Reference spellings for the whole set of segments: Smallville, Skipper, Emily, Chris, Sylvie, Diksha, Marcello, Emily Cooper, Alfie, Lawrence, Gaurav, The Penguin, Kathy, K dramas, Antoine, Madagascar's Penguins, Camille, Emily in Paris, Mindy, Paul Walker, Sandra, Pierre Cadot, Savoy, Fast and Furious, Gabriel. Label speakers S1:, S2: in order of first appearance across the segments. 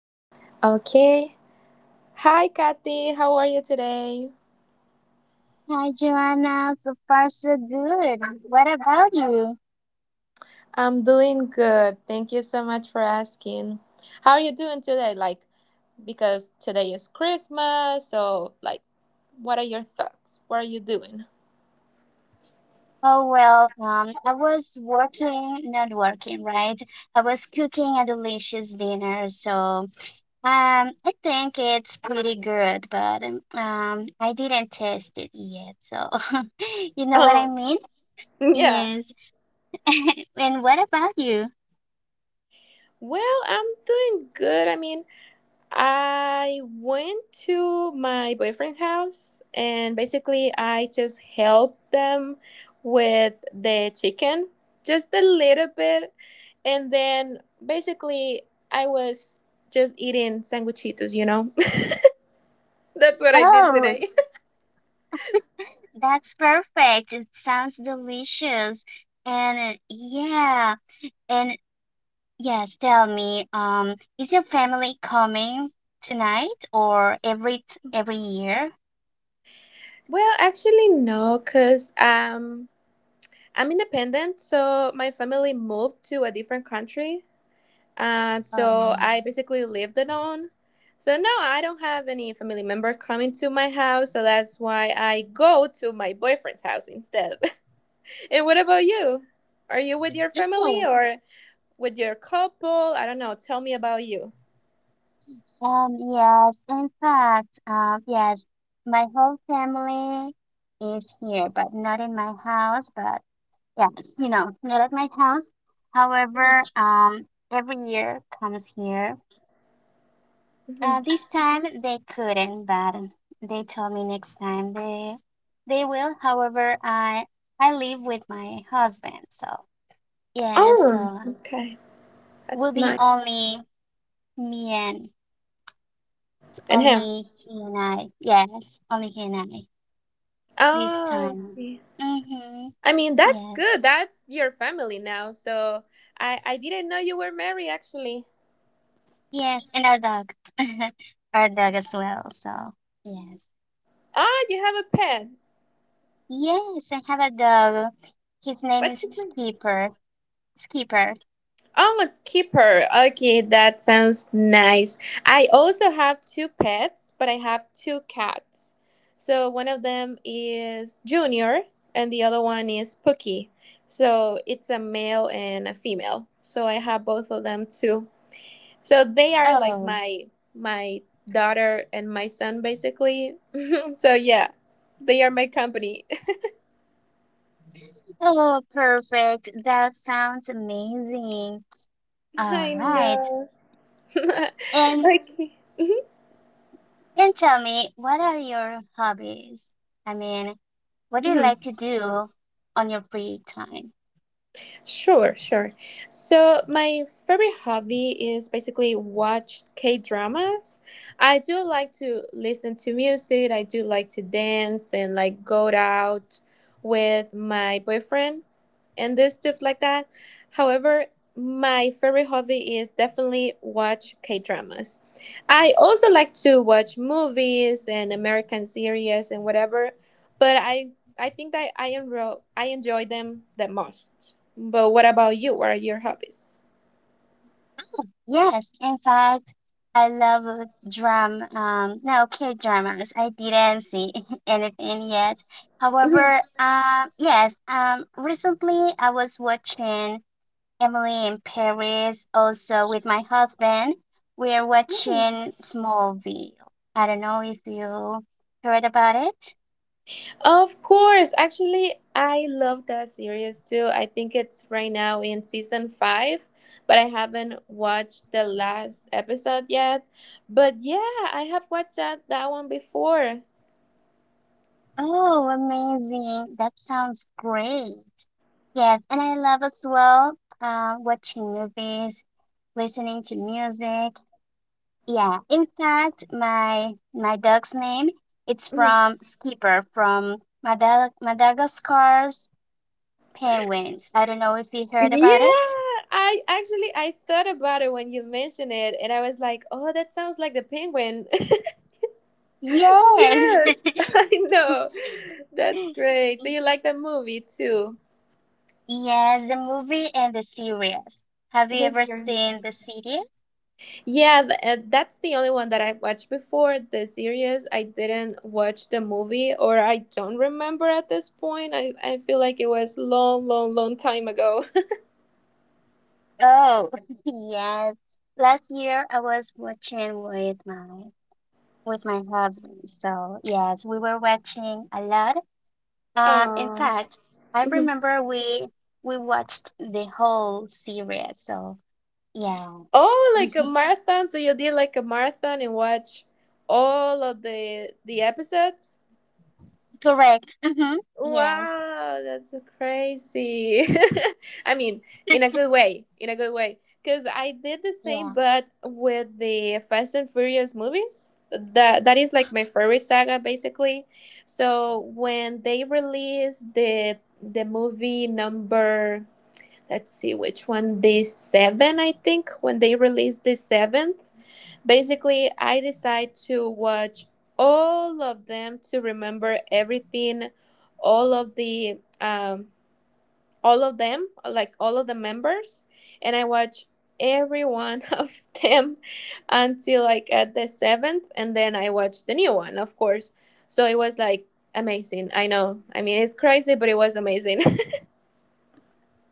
S1: Okay. Hi, Kathy. How are you today?
S2: Hi, Joanna. So far, so good. What about you?
S1: I'm doing good. Thank you so much for asking. How are you doing today? Like, because today is Christmas, so, like, what are your thoughts? What are you doing?
S2: Oh, well, I was working, not working, right? I was cooking a delicious dinner, so I think it's pretty good, but I didn't taste it yet, so you know what I
S1: Oh,
S2: mean?
S1: yeah.
S2: Yes. And what about you?
S1: Well, I'm doing good. I mean, I went to my boyfriend's house and basically I just helped them with the chicken just a little bit and then basically I was just eating sanguichitos. That's what I did
S2: Oh,
S1: today.
S2: that's perfect. It sounds delicious. And yeah. and Yes, tell me, is your family coming tonight or every year?
S1: Well, actually, no, cuz I'm independent, so my family moved to a different country. And so
S2: Um,
S1: I basically lived alone. So now I don't have any family member coming to my house. So that's why I go to my boyfriend's house instead. And what about you? Are you with your family
S2: oh,
S1: or with your couple? I don't know. Tell me about you.
S2: yes. In fact, yes, my whole family is here, but not in my house. But yes, not at my house. However, every year comes here.
S1: Hmm.
S2: This time they couldn't, but they told me next time they will. However, I live with my husband, so yeah,
S1: Oh,
S2: so
S1: okay.
S2: will
S1: That's
S2: be
S1: nice.
S2: only me and it's
S1: And him.
S2: only he and I. Yes, only he and I this
S1: Oh, I
S2: time.
S1: see.
S2: Mm-hmm.
S1: I mean, that's
S2: Yeah.
S1: good. That's your family now. So I didn't know you were married actually.
S2: Yes, and our dog, our dog as well. So yes,
S1: Ah, you have a pet.
S2: yes, I have a dog. His name
S1: What's
S2: is
S1: his name?
S2: Skipper. Skipper.
S1: Oh, it's Keeper. Okay, that sounds nice. I also have two pets, but I have two cats. So one of them is Junior and the other one is Pookie. So it's a male and a female. So I have both of them too. So they are like
S2: Oh.
S1: my daughter and my son basically. So yeah, they are my company.
S2: Oh, perfect. That sounds amazing. All
S1: I
S2: right.
S1: know.
S2: And
S1: Okay.
S2: and tell me, what are your hobbies? I mean, what do you
S1: Mhm.
S2: like to do on your free time?
S1: Sure, sure. So my favorite hobby is basically watch K dramas. I do like to listen to music. I do like to dance and like go out with my boyfriend and do stuff like that. However, my favorite hobby is definitely watch K dramas. I also like to watch movies and American series and whatever, but I think that I enjoy them the most. But what about you? What are your hobbies?
S2: Yes, in fact, I love drum no K-dramas. I didn't see anything yet. However, yes, recently I was watching Emily in Paris, also with my husband. We are watching Smallville. I don't know if you heard about it.
S1: Of course. Actually, I love that series too. I think it's right now in season five, but I haven't watched the last episode yet. But yeah, I have watched that one before.
S2: Oh, amazing. That sounds great. Yes, and I love as well watching movies, listening to music. Yeah, in fact, my dog's name it's
S1: Mhm.
S2: from Skipper from Madagascar's Penguins. I don't know if you heard
S1: Yeah,
S2: about it.
S1: I actually I thought about it when you mentioned it, and I was like, oh, that sounds like The Penguin.
S2: Yes.
S1: Yes, I know. That's great. So you like that movie too?
S2: Yes, the movie and the series. Have you
S1: This
S2: ever
S1: year.
S2: seen the series?
S1: Yeah, that's the only one that I watched before. The series, I didn't watch the movie, or I don't remember at this point. I feel like it was long, long, long time ago.
S2: Oh, yes. Last year I was watching with my husband. So, yes, we were watching a lot. In
S1: um,
S2: fact, I
S1: mhm.
S2: remember we watched the whole series. So, yeah.
S1: Oh, like a marathon. So you did like a marathon and watch all of the episodes.
S2: Correct. Hmm. Yes.
S1: Wow, that's so crazy. I mean, in a good way, in a good way. Because I did the same,
S2: Yeah.
S1: but with the Fast and Furious movies. That is like my favorite saga, basically. So when they released the movie number, let's see which one, the seven, I think. When they released the seventh, basically, I decide to watch all of them to remember everything, all of the um, all of them, like all of the members, and I watch every one of them until like at the seventh, and then I watch the new one, of course. So it was like amazing. I know. I mean, it's crazy, but it was amazing.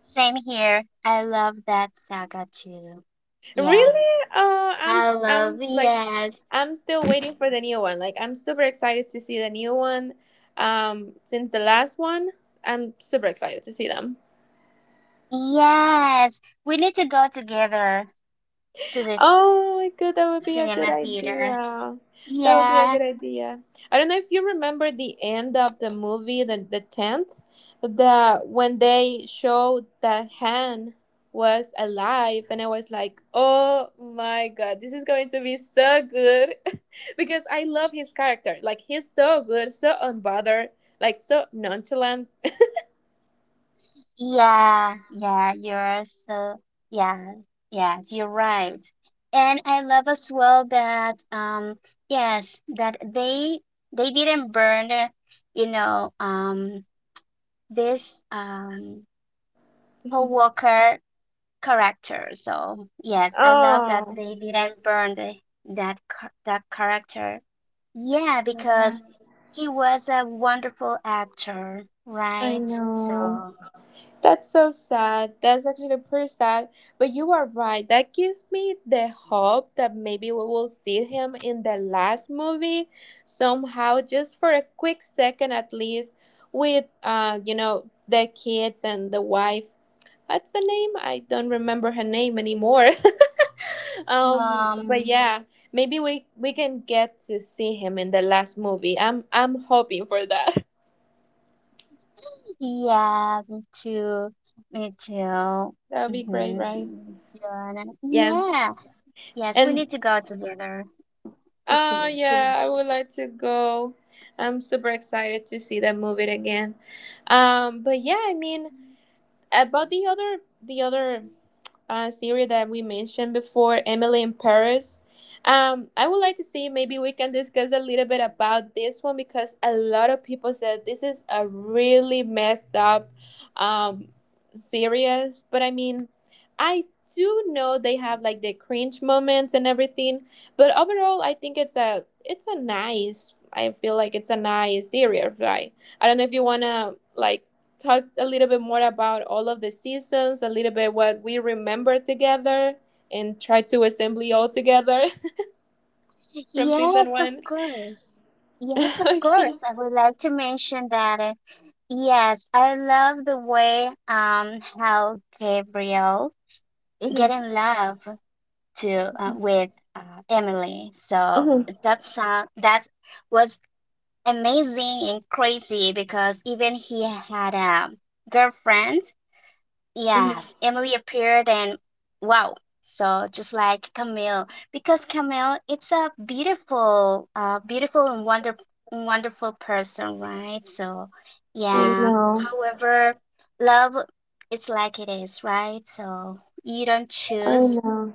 S2: Same here. I love that saga too. Yes.
S1: Really? I'm
S2: I
S1: s-
S2: love
S1: I'm like
S2: yes.
S1: I'm still waiting for the new one. Like I'm super excited to see the new one. Since the last one, I'm super excited to see them.
S2: Yes. We need to go together to the
S1: Oh my god, that would be a good
S2: cinema theater.
S1: idea. That would be a
S2: Yeah.
S1: good idea. I don't know if you remember the end of the movie, the 10th, that when they showed that Han was alive, and I was like, oh my god, this is going to be so good, because I love his character. Like he's so good, so unbothered, like so nonchalant.
S2: Yeah. Yeah. You're so yeah. Yes, you're right. And I love as well that yes, that they didn't burn, you know, um this Paul Walker character. So yes, I love that
S1: Oh,
S2: they didn't burn that character. Yeah,
S1: yeah.
S2: because he was a wonderful actor,
S1: I
S2: right?
S1: know.
S2: So
S1: That's so sad. That's actually pretty sad. But you are right. That gives me the hope that maybe we will see him in the last movie somehow, just for a quick second at least, with the kids and the wife. What's the name? I don't remember her name anymore. But
S2: um,
S1: yeah, maybe we can get to see him in the last movie. I'm hoping for that.
S2: yeah, me too, me too.
S1: That would be great,
S2: Mm-hmm.
S1: right? Yeah.
S2: Yeah, yes, we
S1: And
S2: need to go together to see it, to
S1: Yeah, I
S2: watch
S1: would
S2: it.
S1: like to go. I'm super excited to see that movie again. But yeah, I mean about the other the other series that we mentioned before, Emily in Paris. I would like to see maybe we can discuss a little bit about this one because a lot of people said this is a really messed up um, series. But I mean, I do know they have like the cringe moments and everything, but overall, I think it's a nice. I feel like it's a nice series, right? I don't know if you wanna like talk a little bit more about all of the seasons, a little bit what we remember together, and try to assemble all together from season
S2: Yes, of
S1: one.
S2: course. Yes, of
S1: Okay.
S2: course. I would like to mention that. Yes, I love the way how Gabriel get
S1: Hmm.
S2: in love to with Emily. So
S1: Hmm.
S2: that was amazing and crazy because even he had a girlfriend.
S1: Hmm.
S2: Yes, Emily appeared and wow. So just like Camille, because Camille, it's a beautiful and wonderful person, right? So,
S1: I
S2: yeah.
S1: know.
S2: However, love, it's like it is, right? So you don't
S1: I
S2: choose.
S1: know.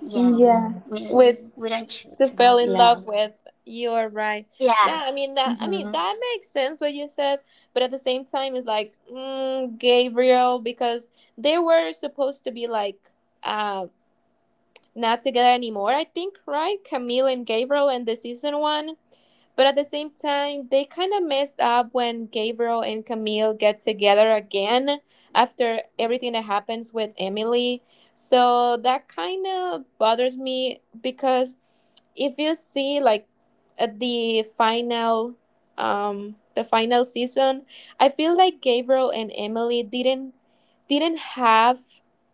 S2: Yes,
S1: Yeah.
S2: we don't,
S1: With
S2: we don't
S1: to
S2: choose
S1: fell
S2: about
S1: in love
S2: love.
S1: with. You are right.
S2: Yeah.
S1: Now, I mean that. I mean
S2: Mm-hmm.
S1: that makes sense what you said, but at the same time, it's like Gabriel because they were supposed to be like uh, not together anymore, I think, right? Camille and Gabriel in the season one. But at the same time, they kind of messed up when Gabriel and Camille get together again after everything that happens with Emily. So that kind of bothers me because if you see like at the final season, I feel like Gabriel and Emily didn't have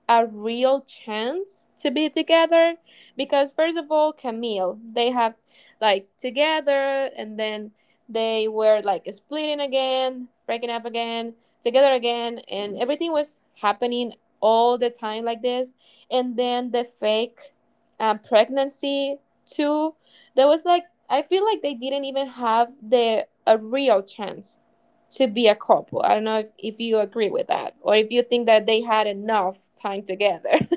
S1: a real chance to be together because first of all, Camille, they have like together and then they were like splitting again, breaking up again, together again, and everything was happening all the time like this. And then the fake pregnancy too. There was like I feel like they didn't even have the a real chance to be a couple. I don't know if you agree with that or if you think that they had enough time together.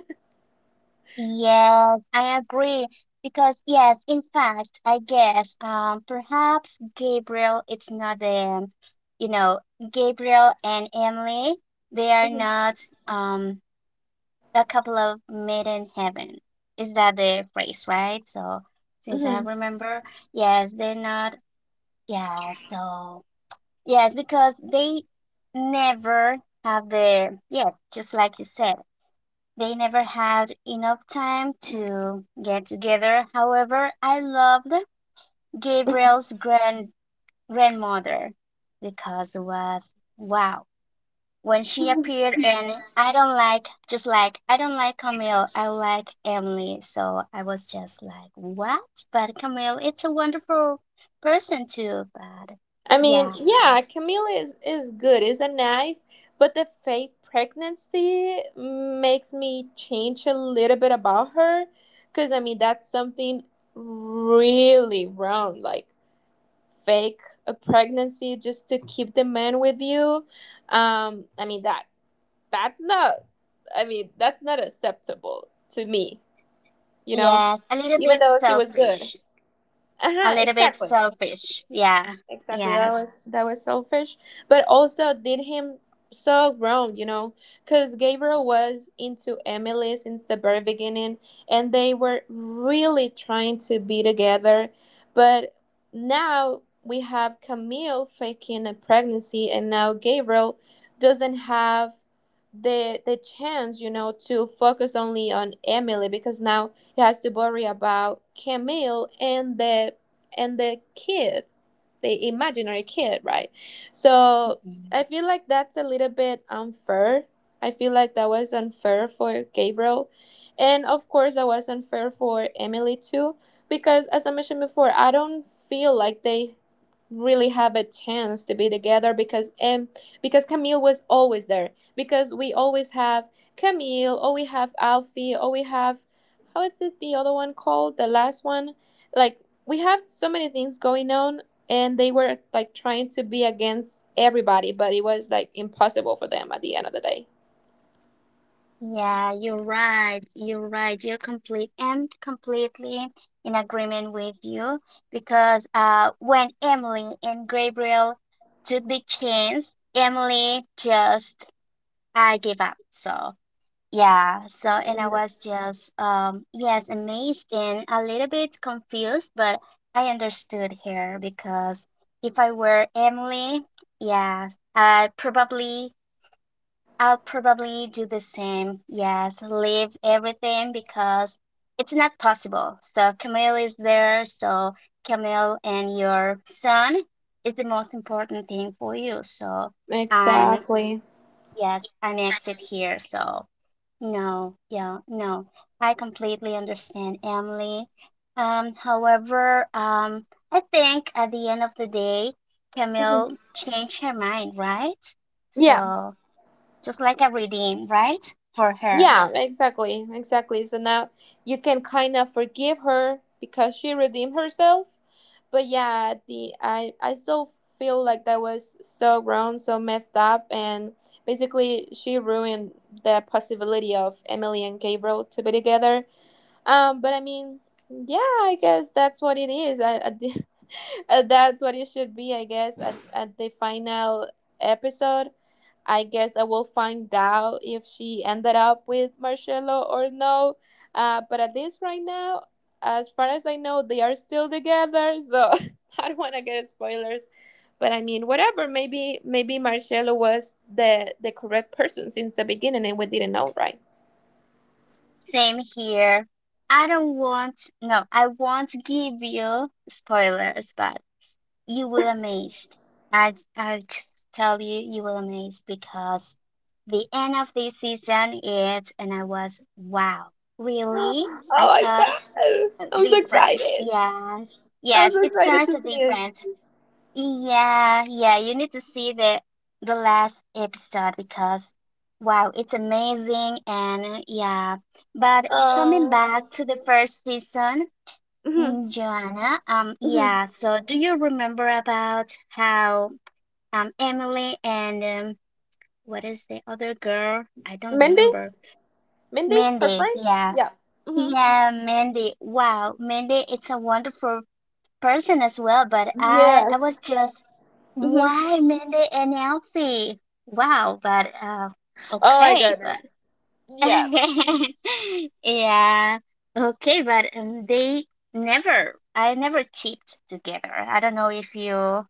S2: Yes, I agree. Because yes, in fact, I guess perhaps Gabriel it's not the you know, Gabriel and Emily, they are
S1: Mm-hmm.
S2: not um a couple of made in heaven. Is that the phrase, right? So since I
S1: Mm-hmm.
S2: remember, yes, they're not yeah, so yes, because they never have the yes, just like you said they never had enough time to get together. However, I loved Gabriel's grandmother because it was wow. When she appeared and I don't like Camille, I like Emily. So I was just like, what? But Camille, it's a wonderful person too, but
S1: I mean,
S2: yeah, so
S1: yeah, Camila is good. It's a nice, but the fake pregnancy makes me change a little bit about her. Because, I mean, that's something really wrong. Like, fake a pregnancy just to keep the man with you. I mean, that's not, that's not acceptable to me. you know,
S2: yes, a little
S1: even
S2: bit
S1: though she was good.
S2: selfish.
S1: Uh
S2: A
S1: huh,
S2: little bit
S1: exactly.
S2: selfish. Yeah.
S1: Exactly, that
S2: Yes.
S1: was that was selfish, but also did him so wrong, because Gabriel was into Emily since the very beginning, and they were really trying to be together, but now we have Camille faking a pregnancy, and now Gabriel doesn't have the chance, to focus only on Emily because now he has to worry about Camille and the kid the imaginary kid, right? So I
S2: Mhm.
S1: feel like that's a little bit unfair. I feel like that was unfair for Gabriel. And of course, that was unfair for Emily too, because as I mentioned before, I don't feel like they really have a chance to be together because Camille was always there, because we always have Camille, or we have Alfie, or we have how is it the other one called the last one, like, we have so many things going on, and they were like trying to be against everybody, but it was like impossible for them at the end of the day.
S2: Yeah, you're right. You're right. You're completely in agreement with you because when Emily and Gabriel took the chance, Emily just I gave up. So yeah, so and I
S1: Yeah.
S2: was just yes amazed and a little bit confused, but I understood her because if I were Emily, yeah, I probably I'll probably do the same. Yes, leave everything because it's not possible. So Camille is there. So Camille and your son is the most important thing for you. So I'm,
S1: Exactly.
S2: yes, I'm exit here. So no, yeah, no. I completely understand, Emily. However, I think at the end of the day,
S1: Mhm.
S2: Camille changed her mind, right?
S1: Yeah.
S2: So just like a redeem, right? For her.
S1: Yeah, exactly, exactly. So now you can kind of forgive her because she redeemed herself. But yeah, the I still feel like that was so wrong, so messed up, and basically she ruined the possibility of Emily and Gabriel to be together. But I mean, yeah, I guess that's what it is. That's what it should be, I guess. At the final episode, I guess I will find out if she ended up with Marcello or no. But at least right now, as far as I know, they are still together. So I don't want to get spoilers. But I mean, whatever. Maybe Marcello was the correct person since the beginning, and we didn't know, right?
S2: Same here. I don't want, no, I won't give you spoilers, but you will amazed. I just tell you, you will amazed because the end of this season is, and I was, wow, really?
S1: Oh
S2: I
S1: my
S2: thought
S1: god! I'm so
S2: different.
S1: excited.
S2: Yes,
S1: I'm
S2: yes,
S1: so
S2: it
S1: excited
S2: starts
S1: to see it.
S2: different. Yeah, yeah, you need to see the last episode because wow, it's amazing and yeah. But coming
S1: Um,
S2: back to the first season,
S1: mhm,
S2: Joanna,
S1: mhm.
S2: yeah, so do you remember about how Emily and what is the other girl? I don't
S1: Mindy,
S2: remember.
S1: Mindy, her
S2: Mandy,
S1: friend.
S2: yeah.
S1: Yeah. Hmm.
S2: Yeah, Mandy. Wow, Mandy, it's a wonderful person as well, but I was
S1: Yes.
S2: just
S1: Hmm.
S2: why Mindy and Alfie? Wow, but
S1: Oh my
S2: okay, but
S1: goodness. Yeah.
S2: yeah, okay, but they never I never cheated together. I don't know if you,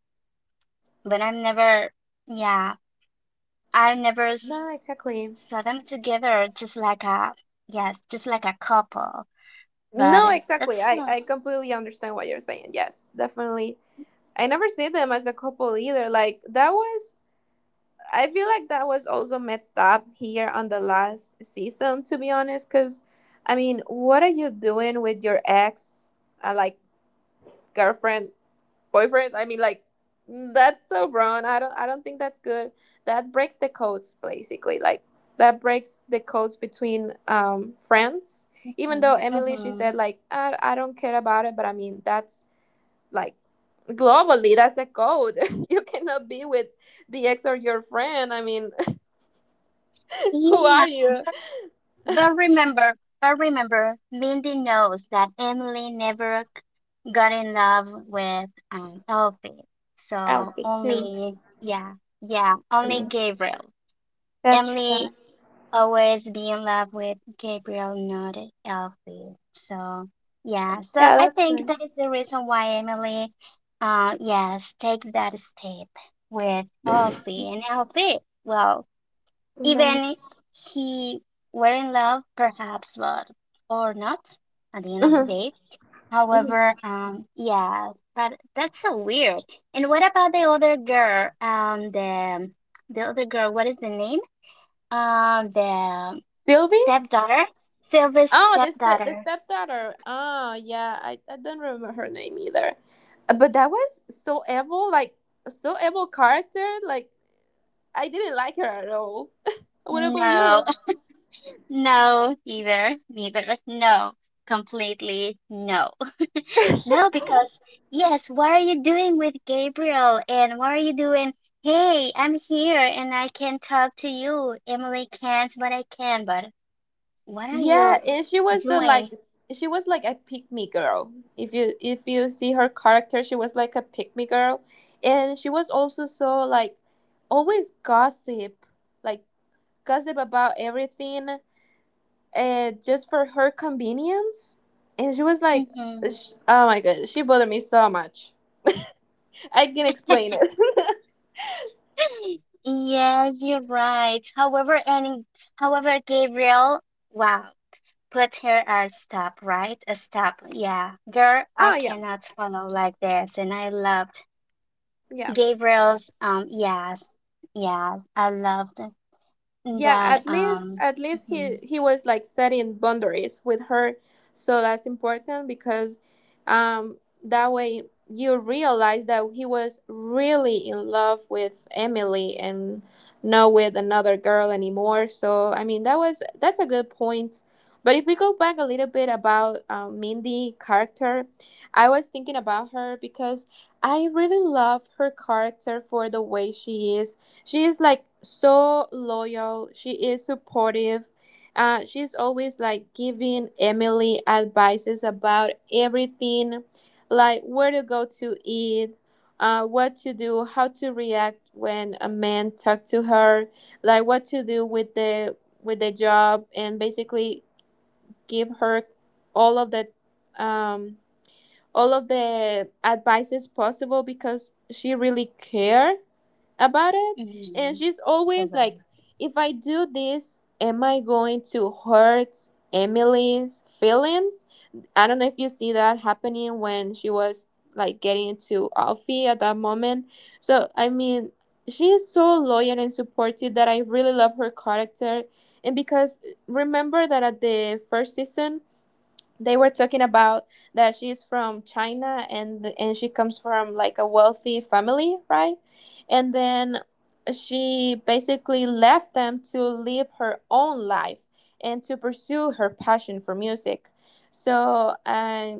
S2: but I've never yeah, I never
S1: No,
S2: s
S1: exactly.
S2: saw them together just like a yes, just like a couple. But
S1: No, exactly.
S2: that's
S1: I
S2: so.
S1: I completely understand what you're saying. Yes, definitely. I never see them as a couple either. Like that was I feel like that was also messed up here on the last season, to be honest. Because, I mean, what are you doing with your ex, like girlfriend, boyfriend? I mean, like that's so wrong. I don't think that's good. That breaks the codes, basically. Like that breaks the codes between friends. Even
S2: Hmm.
S1: though Emily, she said
S2: Hmm.
S1: like, I don't care about it, but I mean, that's like globally, that's a code. You cannot be with the ex or your friend. I mean, who are
S2: Yeah,
S1: you?
S2: but remember, Mindy knows that Emily never got in love with Elfie. So
S1: Alfie too.
S2: only, yeah, yeah,
S1: I
S2: only
S1: mean,
S2: Gabriel.
S1: that's right.
S2: Emily always be in love with Gabriel, not Elfie. So yeah, so
S1: Yeah,
S2: I
S1: that's
S2: think
S1: right.
S2: that is the reason why Emily, yes, take that step with Elfie and Elfie. Well,
S1: Right.
S2: even he were in love, perhaps, but or not at the end of the
S1: Mhm,
S2: day.
S1: mhm.
S2: However, yes, but that's so weird. And what about the other girl? The other girl, what is the name? The
S1: Sylvie?
S2: stepdaughter, Sylvia's
S1: Oh, the
S2: stepdaughter.
S1: stepdaughter. Oh, yeah. I don't remember her name either. But that was so evil, like so evil character. Like I didn't like her at all. What about
S2: No,
S1: you?
S2: no, either, neither, no, completely no. No, because yes, what are you doing with Gabriel? And what are you doing? Hey, I'm here and I can talk to you. Emily can't, but I can. But what are
S1: Yeah,
S2: you
S1: and like
S2: doing?
S1: she was like a pick me girl. If you see her character, she was like a pick me girl, and she was also so like always gossip, like gossip about everything, just for her convenience. And she was like,
S2: Hmm.
S1: oh my god, she bothered me so much. I can explain it.
S2: Yes, you're right. However, Gabriel, wow, put here a stop, right? A stop. Yeah, girl, I
S1: Oh yeah,
S2: cannot follow like this. And I loved
S1: yeah.
S2: Gabriel's, yes, yes, I loved.
S1: Yeah.
S2: That
S1: at least at least he
S2: mhm,
S1: he was like setting boundaries with her, so that's important, because um that way you realize that he was really in love with Emily and not with another girl anymore. So I mean, that's a good point. But if we go back a little bit about Mindy character, I was thinking about her because I really love her character for the way she is like so loyal. She is supportive. She's always like giving Emily advices about everything, like where to go to eat, what to do, how to react when a man talk to her, like what to do with the job, and basically give her all of the um, all of the advices possible because she really care about it, and
S2: mhm.
S1: she's always like,
S2: Correct.
S1: if I do this, am I going to hurt Emily's feelings? I don't know if you see that happening when she was like getting into Alfie at that moment. So I mean, she is so loyal and supportive that I really love her character. And because remember that at the first season they were talking about that she's from China, and she comes from like a wealthy family, right? And then she basically left them to live her own life and to pursue her passion for music. So,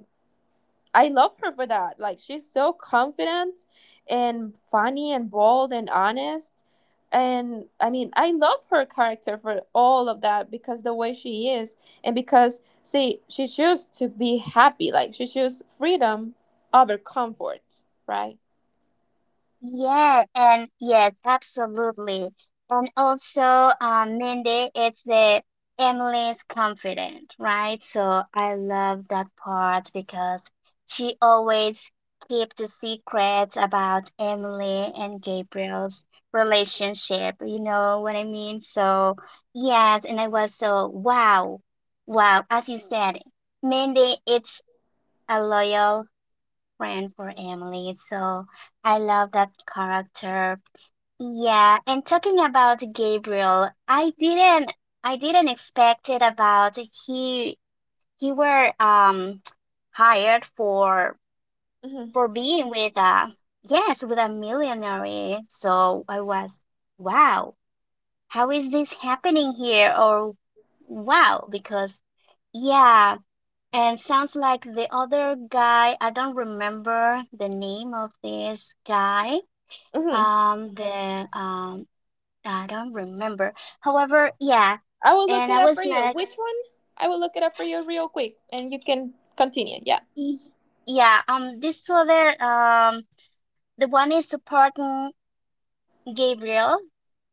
S1: I love her for that. Like she's so confident and funny and bold and honest. And I mean, I love her character for all of that because the way she is, and because see, she chose to be happy. Like she chose freedom over comfort, right?
S2: Yeah, and yes, absolutely. And also, Mindy, it's the Emily's confident, right? So I love that part because she always keeps the secrets about Emily and Gabriel's relationship. You know what I mean? So yes, and I was so wow, wow, as you said, Mindy, it's a loyal friend for Emily. So I love that character. Yeah, and talking about Gabriel, I didn't expect it about he he were hired for
S1: Hmm.
S2: for being with a millionaire. So I was wow, how is this happening here? Or wow, because yeah, and sounds like the other guy, I don't remember the name of this guy.
S1: Hmm.
S2: The I don't remember. However, yeah.
S1: I will look
S2: And
S1: it
S2: I
S1: up for
S2: was
S1: you.
S2: like,
S1: Which one? I will look it up for you real quick, and you can continue. Yeah.
S2: "Y- yeah, this other the one is supporting Gabriel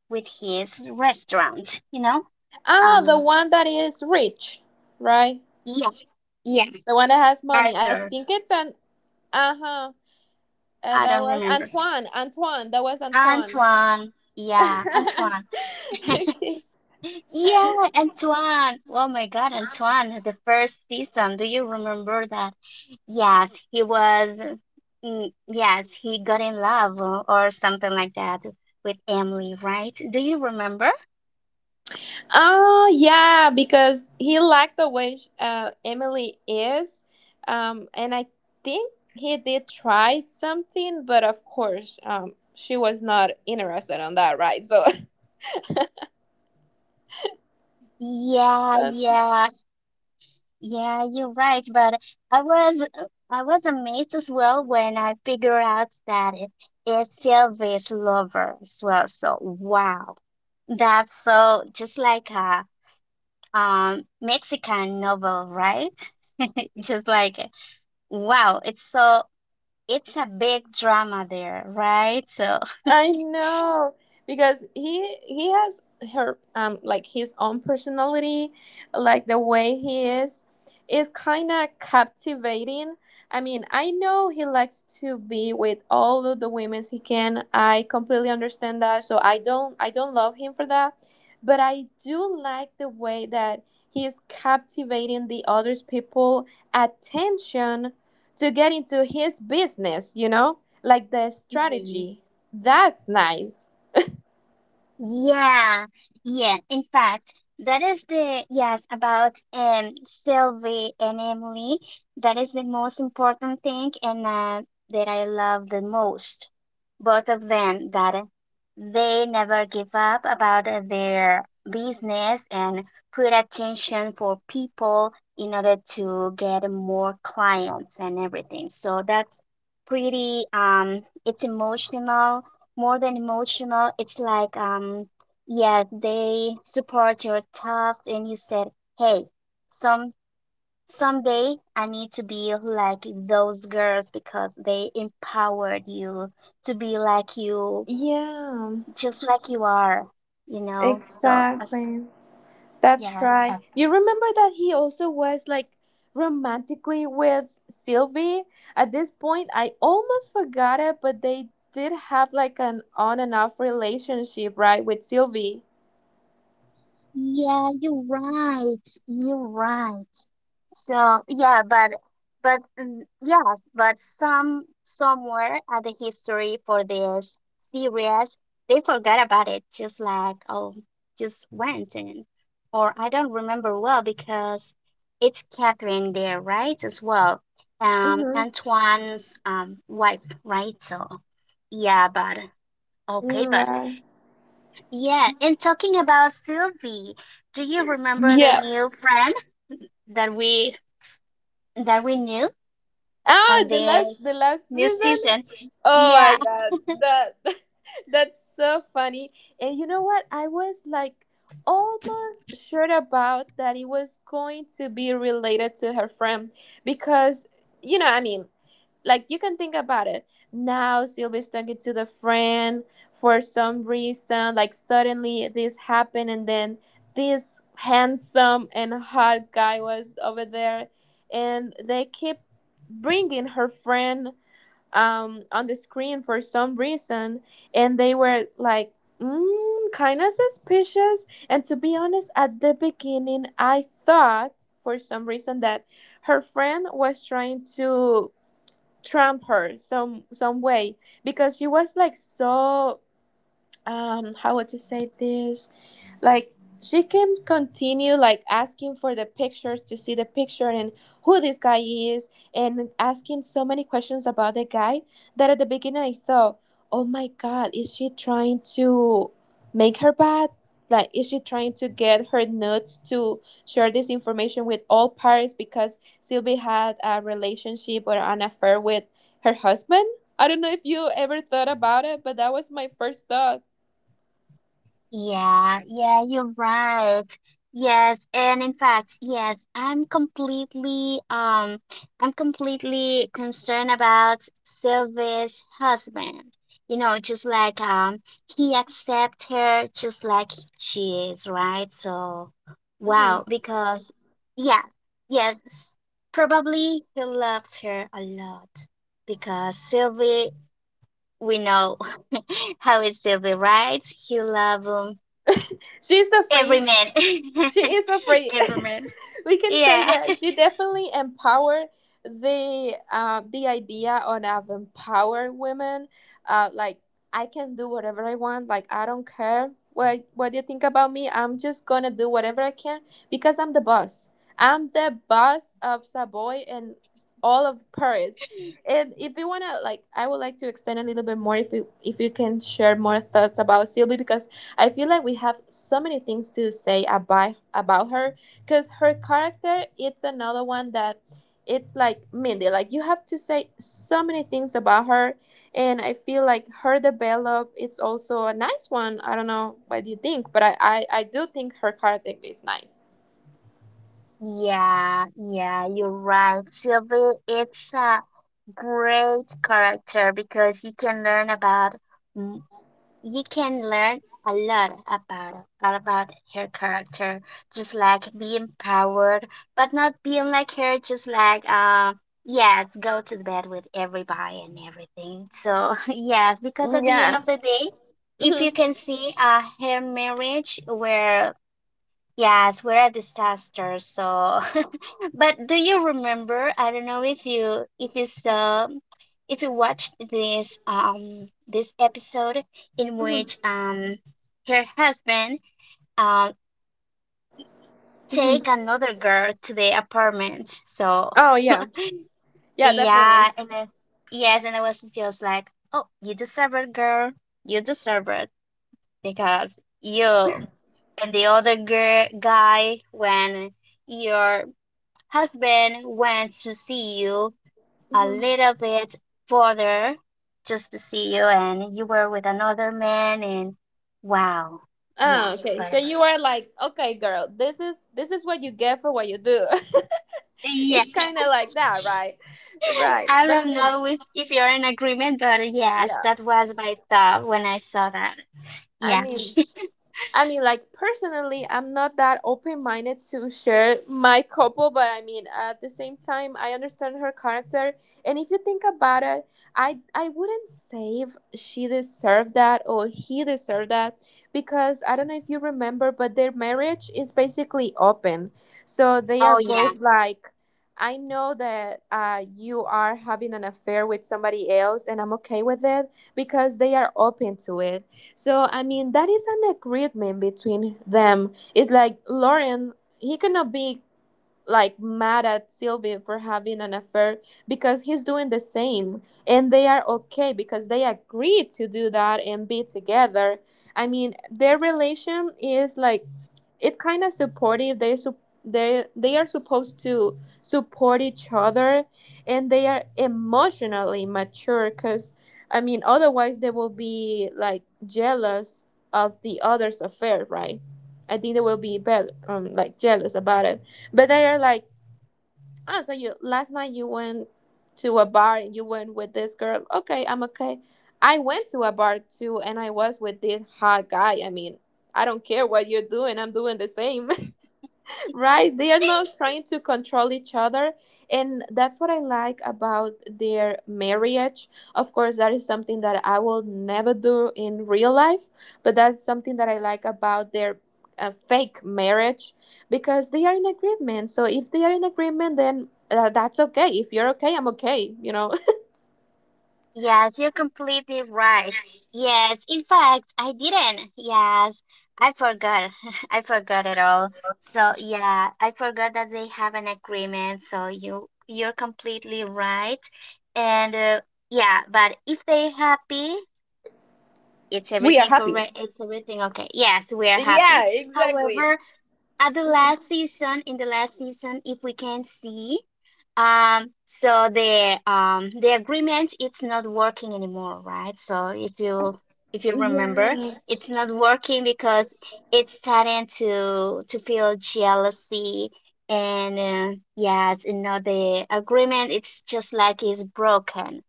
S2: with his restaurant, you know?
S1: Ah, the
S2: Um,
S1: one that is rich, right?
S2: yeah, yeah,
S1: The one that has money. I
S2: Arthur.
S1: think it's an. Uh huh.
S2: I
S1: That
S2: don't
S1: was
S2: remember.
S1: Antoine. Antoine. That was Antoine.
S2: Antoine. Yeah, Antoine.
S1: Okay.
S2: Yeah, Antoine. Oh my God, Antoine, the first season. Do you remember that? Yes, he was, yes, he got in love or something like that with Emily, right? Do you remember?
S1: Oh, yeah, because he liked the way Emily is. And I think he did try something, but of course, she was not interested on that, right? So
S2: Yeah, yeah, yeah, you're right. But I was I was amazed as well when I figured out that it is Sylvie's lover as well. So wow. That's so just like Mexican novel, right? Just like wow, it's a big drama there, right? So
S1: I know because he has her like his own personality, like the way he is kind of captivating. I mean, I know he likes to be with all of the women he can. I completely understand that. So I don't love him for that, but I do like the way that he is captivating the others people attention to get into his business, you know? Like the strategy. That's nice.
S2: yeah, yeah. In fact, that is the yes about Sylvie and Emily. That is the most important thing, and that I love the most. Both of them that they never give up about their business and put attention for people in order to get more clients and everything. So that's pretty it's emotional more than emotional. It's like, yes, they support your thoughts, and you said, hey, some someday I need to be like those girls because they empowered you to be like you,
S1: Yeah,
S2: just like you are. So as
S1: exactly. That's
S2: yes,
S1: right.
S2: as
S1: You remember that he also was like romantically with Sylvie? At this point, I almost forgot it, but they did have like an on and off relationship, right, with Sylvie?
S2: Yeah, you're right. You're right. So yeah, but, yes, but somewhere at the history for this series, they forgot about it. Just like oh, just went in, or I don't remember well because it's Catherine there, right? As well,
S1: Mm-hmm.
S2: Antoine's wife, right? So yeah, but okay, but.
S1: Right.
S2: Yeah, and talking about Sylvie, do you remember the
S1: Yeah.
S2: new friend that we knew
S1: Ah,
S2: on
S1: the last
S2: the
S1: the last
S2: new
S1: season.
S2: season?
S1: Oh my
S2: Yeah,
S1: god, that that's so funny. And you know what? I was like almost sure about that it was going to be related to her friend, because you know, I mean, like you can think about it. Now Sylvie's talking to the friend for some reason, like suddenly this happened, and then this handsome and hot guy was over there, and they keep bringing her friend on the screen for some reason, and they were like kind of suspicious. And to be honest, at the beginning I thought for some reason that her friend was trying to trump her some way, because she was like so how would you say this, like she can continue like asking for the pictures, to see the picture and who this guy is, and asking so many questions about the guy, that at the beginning I thought, oh my god, is she trying to make her bad? Like is she trying to get her nudes to share this information with all parties, because Sylvie had a relationship or an affair with her husband? I don't know if you ever thought about it, but that was my first thought.
S2: Yeah, yeah, you're right. Yes, and in fact, yes, I'm completely concerned about Sylvia's husband. You know, just like he accepts her just like she is, right? So
S1: Hmm.
S2: wow, because yeah, yes, probably he loves her a lot because Sylvie, we know how is Sylvie, right? He loves
S1: She's so
S2: every
S1: free.
S2: man.
S1: She is so free.
S2: Every man.
S1: We can say
S2: Yeah.
S1: that she definitely empowered the idea on of empower women. Like I can do whatever I want, like I don't care what you think about me, I'm just gonna do whatever I can because I'm the boss, I'm the boss of Savoy and all of Paris. And if you wanna like, I would like to extend a little bit more, if you can share more thoughts about Sylvie, because I feel like we have so many things to say about her, because her character, it's another one that it's like Mindy. Like you have to say so many things about her, and I feel like her develop is also a nice one. I don't know what you think, but I do think her character is nice.
S2: Yeah, yeah, you're right. Sylvie, it's a great character because you can learn about you can learn a lot about her character, just like be empowered, but not being like her, just like yes, go to bed with everybody and everything. So yes, because at the end
S1: Yeah.
S2: of the day, if you
S1: Hmm.
S2: can see her marriage where yes, we're a disaster. So, but do you remember? I don't know if you saw, if you watched this this episode in
S1: Hmm.
S2: which her husband um take
S1: Hmm.
S2: another girl to the apartment. So
S1: Oh yeah, yeah, definitely.
S2: yeah, and then yes, and I was just like, oh, you deserve it, girl. You deserve it because you and the other girl guy when your husband went to see you a
S1: Hmm.
S2: little bit further just to see you and you were with another man and wow, yeah,
S1: Oh, okay.
S2: but
S1: So you are like, okay girl, this is what you get for what you do.
S2: yeah.
S1: It's kind of like that, right.
S2: I
S1: But I
S2: don't
S1: mean,
S2: know if, you're in agreement, but yes,
S1: yeah,
S2: that was my thought when I saw that.
S1: I
S2: Yeah.
S1: mean, like personally, I'm not that open minded to share my couple, but I mean, at the same time, I understand her character. And if you think about it, I wouldn't say if she deserved that or he deserved that, because I don't know if you remember, but their marriage is basically open, so they are
S2: Oh yeah.
S1: both like. I know that you are having an affair with somebody else, and I'm okay with it because they are open to it. So I mean, that is an agreement between them. It's like Lauren, he cannot be like mad at Sylvie for having an affair because he's doing the same, and they are okay because they agreed to do that and be together. I mean, their relation is like it's kind of supportive. They su- they are supposed to support each other, and they are emotionally mature, cuz I mean, otherwise they will be like jealous of the other's affair, right? I think they will be bad, like jealous about it, but they are like, ah, so you, last night you went to a bar and you went with this girl. Okay, I'm okay. I went to a bar too and I was with this hot guy. I mean, I don't care what you're doing, I'm doing the same, right? They are not trying to control each other, and that's what I like about their marriage. Of course, that is something that I will never do in real life, but that's something that I like about their fake marriage, because they are in agreement. So if they are in agreement, then that's okay. If you're okay, I'm okay, you know?
S2: Yes, you're completely right. Yes, in fact, I didn't. Yes, I forgot. I forgot it all. So yeah, I forgot that they have an agreement. So you're completely right. And yeah, but if they're happy, it's
S1: We are
S2: everything
S1: happy.
S2: correct. It's everything okay. Yes, we are happy.
S1: Yeah, exactly.
S2: However, at the last season, in the last season, if we can see. So the agreement, it's not working anymore, right? So if you remember,
S1: Yeah.
S2: it's not working because it's starting to feel jealousy and yeah, it's, you know, the agreement, it's just like it's broken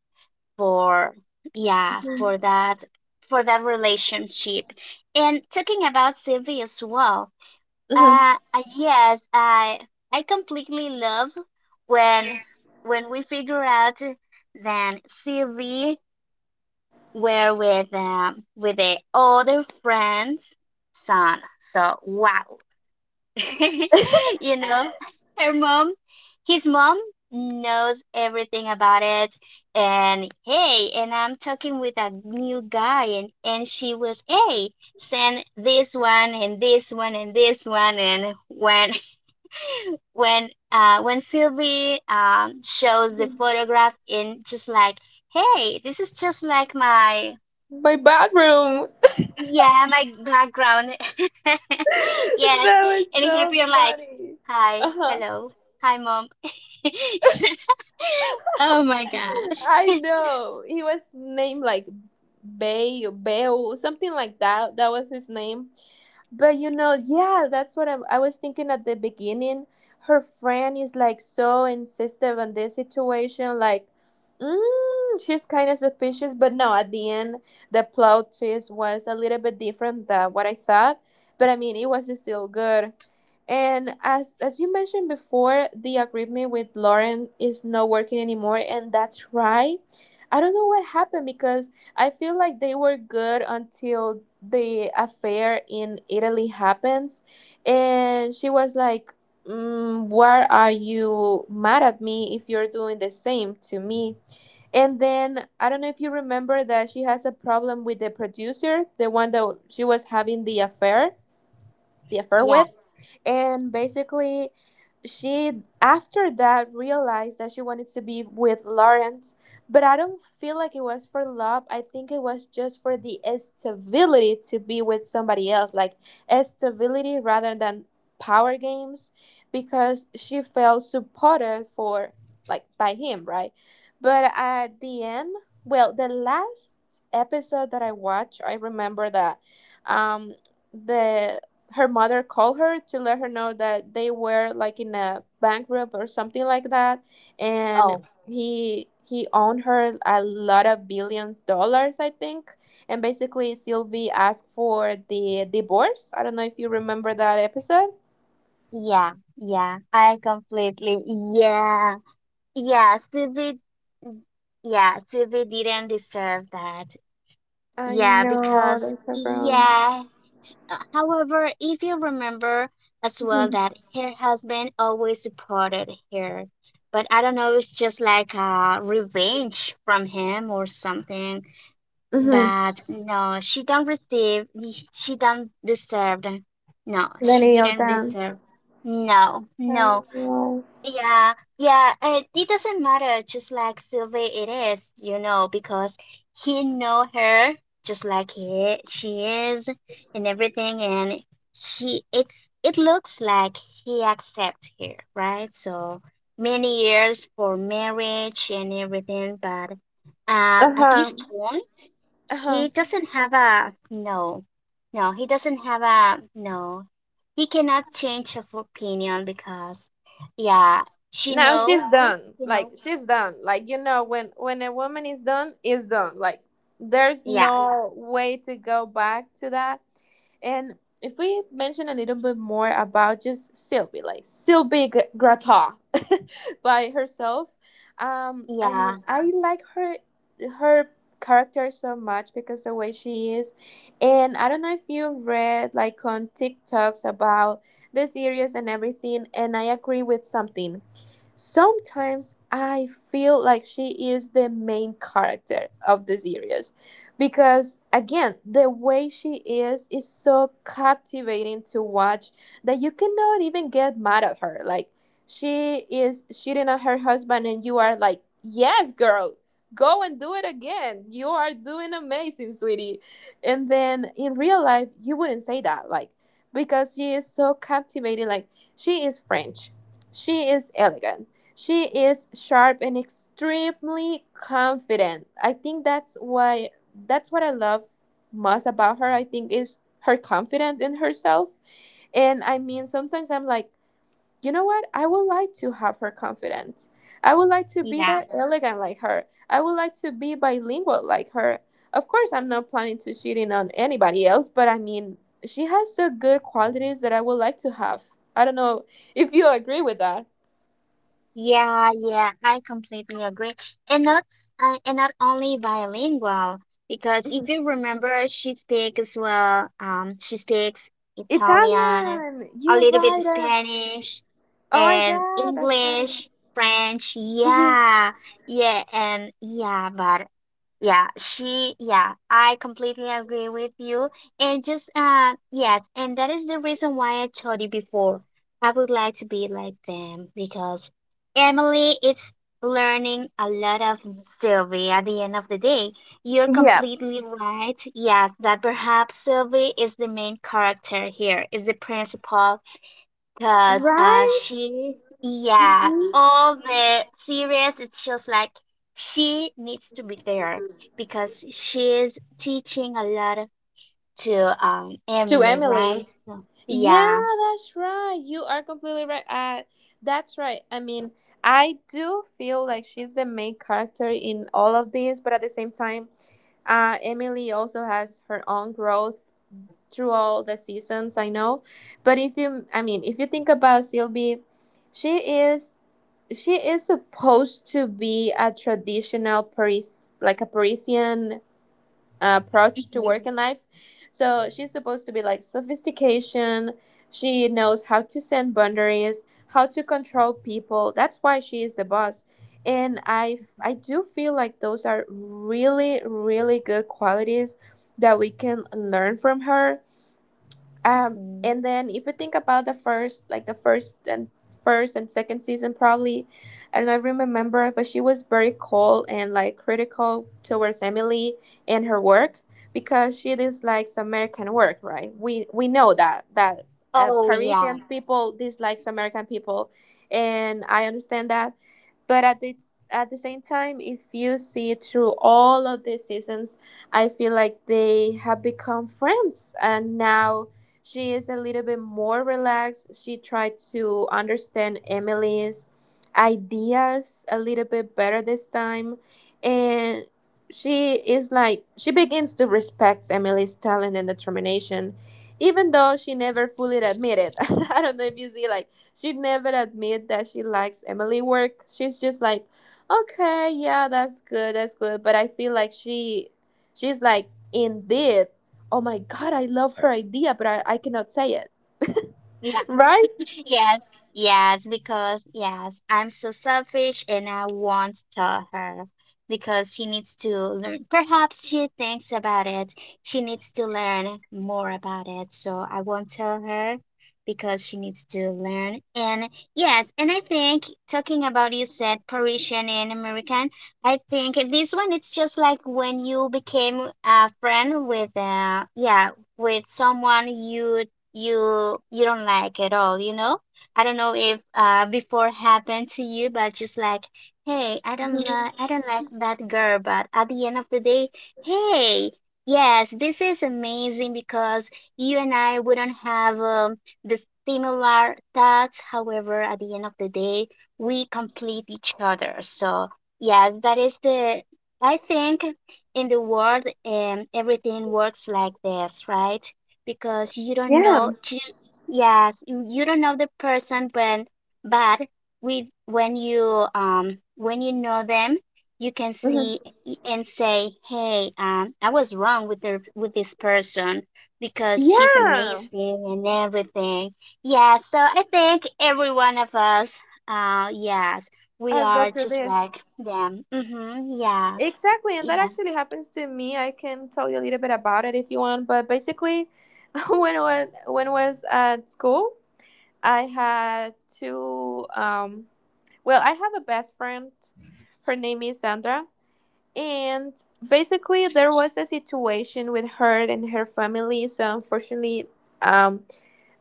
S2: for yeah, for that, for that relationship. And talking about Sylvie as well,
S1: Mhm.
S2: yes, I completely love when we figure out that Sylvie were with the other friend's son. So wow, you know, her mom, his mom knows everything about it. And hey, and I'm talking with a new guy, and she was, hey, send this one and this one and this one, and when when Sylvie shows the photograph, in just like, hey, this is just like my
S1: My bathroom.
S2: yeah, my background. Yes.
S1: That was
S2: And here
S1: so
S2: you're like,
S1: funny.
S2: hi,
S1: Uh-huh.
S2: hello, hi mom. Oh my God.
S1: I know. He was named like Bay or Bell, something like that. That was his name. But you know, yeah, that's what I was thinking at the beginning. Her friend is like so insistent on this situation, like, she's kind of suspicious. But no, at the end, the plot twist was a little bit different than what I thought. But I mean, it was still good. And as you mentioned before, the agreement with Lauren is not working anymore, and that's right. I don't know what happened because I feel like they were good until the affair in Italy happens, and she was like, "Why are you mad at me if you're doing the same to me?" And then I don't know if you remember that she has a problem with the producer, the one that she was having the affair the affair
S2: Yeah.
S1: with. And basically, she after that realized that she wanted to be with Lawrence, but I don't feel like it was for love. I think it was just for the stability to be with somebody else, like stability rather than power games, because she felt supported for like by him, right? But at the end, well, the last episode that I watched, I remember that um the her mother called her to let her know that they were like in a bankrupt or something like that, and
S2: Oh,
S1: he owned her a lot of billions dollars, I think. And basically, Sylvie asked for the divorce. I don't know if you remember that episode.
S2: yeah, yeah. I completely yeah. Yeah, Sylvie yeah, Sylvie didn't deserve that.
S1: I
S2: Yeah,
S1: know.
S2: because
S1: That's so wrong.
S2: yeah. However, if you remember as well that her husband always supported her, but I don't know, it's just like a revenge from him or something.
S1: Mm-hmm.
S2: But no, she don't receive. She don't deserve. No, she
S1: Any of
S2: didn't
S1: them.
S2: deserve. No,
S1: I
S2: no.
S1: know.
S2: Yeah, yeah, it doesn't matter, just like Sylvie it is, you know, because he know her just like he she is and everything, and she, it's, it looks like he accepts her, right? So many years for marriage and everything, but at this
S1: Uh-huh.
S2: point
S1: Uh-huh.
S2: he doesn't have a no. No, he doesn't have a no. He cannot change of opinion because yeah. She
S1: No, you she's
S2: know.
S1: know? Done.
S2: You
S1: Like,
S2: know?
S1: she's done. Like, when a woman is done, is done. Like, there's
S2: Yeah.
S1: no, yeah, way to go back to that. And if we mention a little bit more about just Sylvie, like Sylvie Grata by herself, I mean,
S2: Yeah.
S1: I like her character so much because the way she is, and I don't know if you read like on TikToks about the series and everything, and I agree with something. Sometimes I feel like she is the main character of the series because again the way she is so captivating to watch that you cannot even get mad at her. Like, she is cheating on her husband and you are like, yes girl, go and do it again, you are doing amazing sweetie, and then in real life you wouldn't say that, like because she is so captivating. Like, she is French, she is elegant. She is sharp and extremely confident. I think that's why that's what I love most about her. I think is her confidence in herself. And I mean sometimes I'm like, you know what? I would like to have her confidence. I would like to be
S2: Yeah.
S1: that elegant like her. I would like to be bilingual like her. Of course, I'm not planning to cheating on anybody else, but I mean, she has the good qualities that I would like to have. I don't know if you agree with that.
S2: Yeah, yeah, I completely agree. And not only bilingual, because if
S1: Mhm.
S2: you remember, she speaks as well, she speaks Italian,
S1: Italian.
S2: a
S1: You're
S2: little bit
S1: right. I,
S2: Spanish,
S1: oh my
S2: and
S1: god, that's right.
S2: English, French.
S1: Hmm.
S2: Yeah, yeah, and yeah, but yeah, she, yeah, I completely agree with you. And just, yes, and that is the reason why I told you before. I would like to be like them because Emily is learning a lot of Sylvie at the end of the day. You're
S1: Yeah.
S2: completely right. Yes, that perhaps Sylvie is the main character here, is the principal, because
S1: Right.
S2: she, yeah,
S1: Hmm.
S2: all the series, it's just like she needs to be there because she's teaching a lot to
S1: To
S2: Emily, right?
S1: Emily.
S2: So,
S1: Yeah,
S2: yeah.
S1: that's right. You are completely right. That's right. I mean, I do feel like she's the main character in all of this, but at the same time, Emily also has her own growth through all the seasons. I know, but if you, I mean, if you think about Sylvie, she is she is supposed to be a traditional Paris, like a Parisian approach to work and life. So she's supposed to be like sophistication. She knows how to send boundaries, how to control people. That's why she is the boss. And I do feel like those are really, really good qualities that we can learn from her,
S2: hmm
S1: and then if you think about the first, like the first and second season, probably, I don't even remember, but she was very cold and like critical towards Emily and her work because she dislikes American work, right? We know that
S2: Oh, yeah.
S1: Parisian people dislikes American people, and I understand that, but at the same time, if you see through all of these seasons, I feel like they have become friends, and now she is a little bit more relaxed. She tried to understand Emily's ideas a little bit better this time. And she is like, she begins to respect Emily's talent and determination, even though she never fully admitted. I don't know if you see, like, she never admit that she likes Emily work. She's just like, okay, yeah, that's good, that's good. But I feel like she's like, indeed, oh my God, I love her idea, but I cannot say it.
S2: Yeah.
S1: Right?
S2: Yes, yes, because yes, I'm so selfish and I won't tell her because she needs to learn. Perhaps she thinks about it. She needs to learn more about it. So I won't tell her because she needs to learn. And yes, and I think talking about you said Parisian and American, I think this one, it's just like when you became a friend with yeah, with someone you don't like at all, you know? I don't know if before happened to you, but just like, hey, I don't like that girl, but at the end of the day, hey, yes, this is amazing because you and I wouldn't have the similar thoughts. However, at the end of the day, we complete each other. So, yes, that is the I think in the world, everything works like this, right? Because you don't
S1: Yeah.
S2: know to, yes, you don't know the person when, but with when you know them, you can see
S1: Mhm.
S2: and say, hey, I was wrong with her, with this person, because she's
S1: Yeah.
S2: amazing and everything. Yeah, so I think every one of us, yes, we
S1: Let's go
S2: are
S1: through
S2: just
S1: this.
S2: like them. Mm-hmm. Yeah,
S1: Exactly, and that
S2: yeah,
S1: actually happens to me. I can tell you a little bit about it if you want, but basically, when I was at school, I had two. Well, I have a best friend. Her name is Sandra. And basically, there was a situation with her and her family. So, unfortunately, um,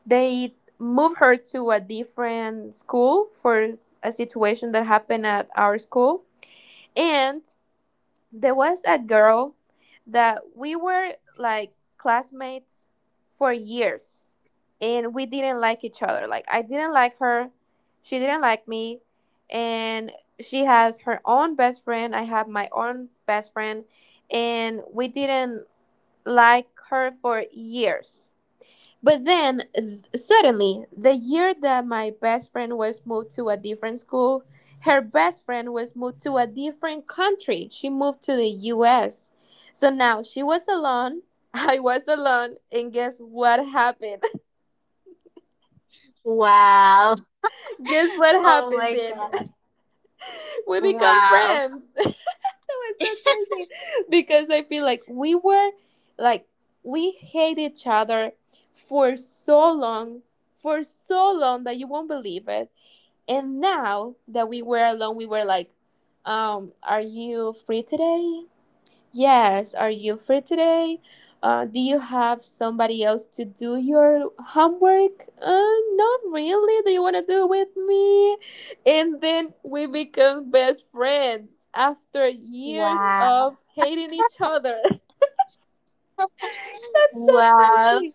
S1: they moved her to a different school for a situation that happened at our school. And there was a girl that we were like classmates for years and we didn't like each other. Like, I didn't like her, she didn't like me, and she has her own best friend, I have my own best friend, and we didn't like her for years. But then suddenly, the year that my best friend was moved to a different school, her best friend was moved to a different country. She moved to the US. So now she was alone. I was alone. And guess what happened?
S2: wow.
S1: Guess what
S2: Oh
S1: happened
S2: my
S1: then?
S2: God.
S1: We become
S2: Wow.
S1: friends. That was so crazy because I feel like we were like we hate each other for so long, for so long that you won't believe it. And now that we were alone, we were like, are you free today? Yes. Are you free today? Do you have somebody else to do your homework? Not really. Do you want to do it with me? And then we become best friends after years of
S2: Wow.
S1: hating each other. That's so
S2: Wow.
S1: crazy.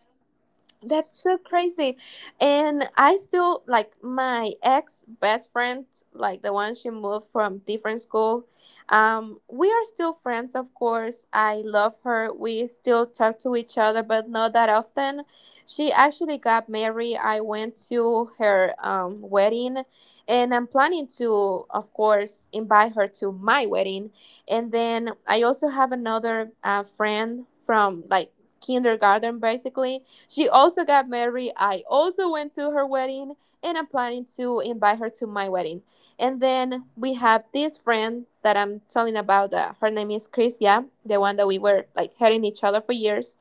S1: That's so crazy. And I still like my ex best friend, like the one she moved from different school. We are still friends, of course. I love her. We still talk to each other, but not that often. She actually got married. I went to her wedding, and I'm planning to, of course, invite her to my wedding. And then I also have another friend from like kindergarten. Basically, she also got married. I also went to her wedding, and I'm planning to invite her to my wedding. And then we have this friend that I'm telling about. That her name is Chris. Yeah, the one that we were like hating each other for years,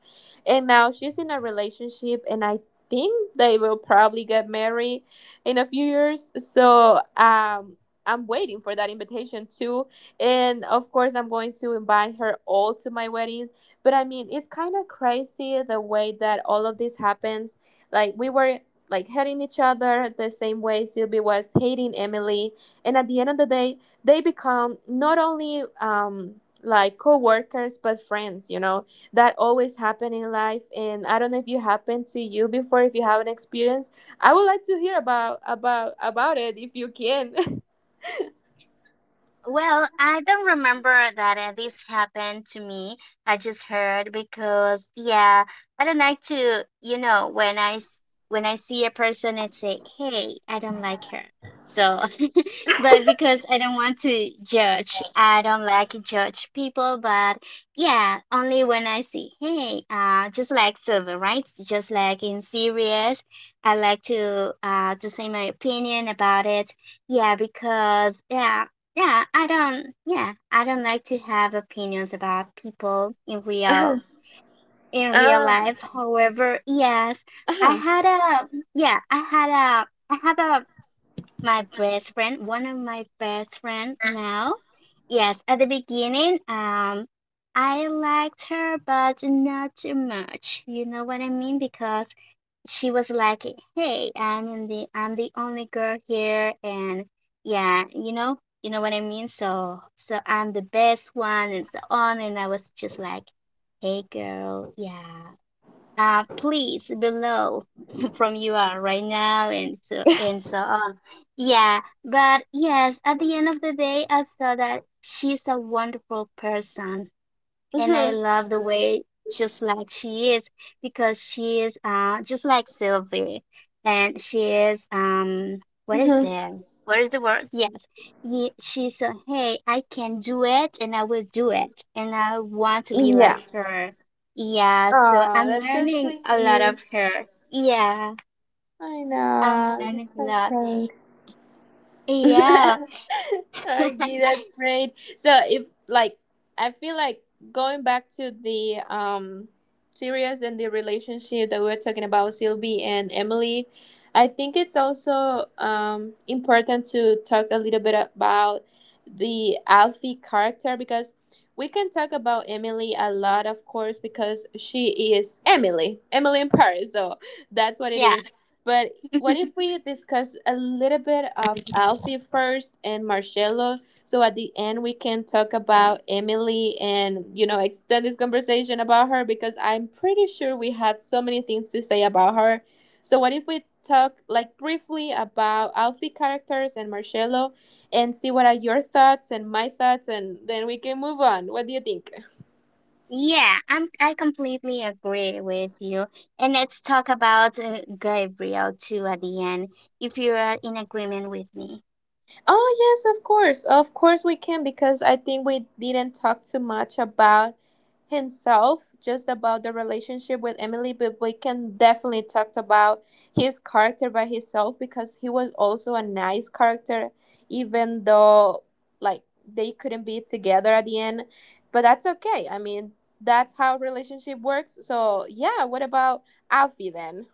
S1: and now she's in a relationship, and I think they will probably get married in a few years. So, um. I'm waiting for that invitation too. And of course, I'm going to invite her all to my wedding, but I mean, it's kind of crazy the way that all of this happens. Like, we were like hating each other the same way Sylvie was hating Emily, and at the end of the day, they become not only like co-workers but friends. You know that always happen in life, and I don't know if you happened to you before. If you have an experience, I would like to hear about it if you can.
S2: Well, I don't remember that this happened to me. I just heard because yeah, I don't like to, you know, when I see a person and say, "Hey, I don't like her." So, but because I don't want to judge, I don't like to judge people, but yeah, only when I see, "Hey, just like Silver, right? Just like in series, I like to say my opinion about it." Yeah, because yeah. Yeah, I don't like to have opinions about people in
S1: Uh-huh.
S2: real, in real life.
S1: Uh-huh.
S2: However, yes, I
S1: Uh-huh.
S2: had a, yeah, I had a, I have a my best friend, one of my best friend now. Yes, at the beginning, I liked her, but not too much. You know what I mean? Because she was like, "Hey, I'm the only girl here, and yeah, you know what I mean. So I'm the best one, and so on." And I was just like, "Hey, girl, yeah, please below from you are right now, and so on." Yeah, but yes, at the end of the day, I saw that she's a wonderful person and I
S1: Mm-hmm.
S2: love the way just like she is, because she is just like Sylvie and she is what is
S1: Mm-hmm.
S2: that? What is the word? Yes. Ye She's a hey, I can do it and I will do it and I want to be like
S1: Yeah.
S2: her. Yeah, so
S1: Oh,
S2: I'm
S1: that's so
S2: learning a lot of
S1: sweet.
S2: her. Yeah,
S1: I
S2: I'm
S1: know.
S2: learning
S1: That
S2: a
S1: sounds
S2: lot.
S1: great.
S2: Yeah.
S1: Okay, that's great. So if like I feel like going back to the serious and the relationship that we were talking about Sylvie and Emily, I think it's also important to talk a little bit about the Alfie character because we can talk about Emily a lot of course because she is Emily. Emily in Paris, so that's what it
S2: Yeah.
S1: is. But what if we discuss a little bit of Alfie first and Marcello, so at the end we can talk about Emily and extend this conversation about her because I'm pretty sure we had so many things to say about her. So what if we talk like briefly about Alfie characters and Marcello and see what are your thoughts and my thoughts and then we can move on. What do you think?
S2: Yeah, I completely agree with you. And let's talk about Gabriel too at the end, if you are in agreement with me.
S1: Oh, yes, of course. Of course we can because I think we didn't talk too much about himself, just about the relationship with Emily, but we can definitely talk about his character by himself because he was also a nice character even though like they couldn't be together at the end. But that's okay. I mean, that's how relationship works. So, yeah, what about Alfie then?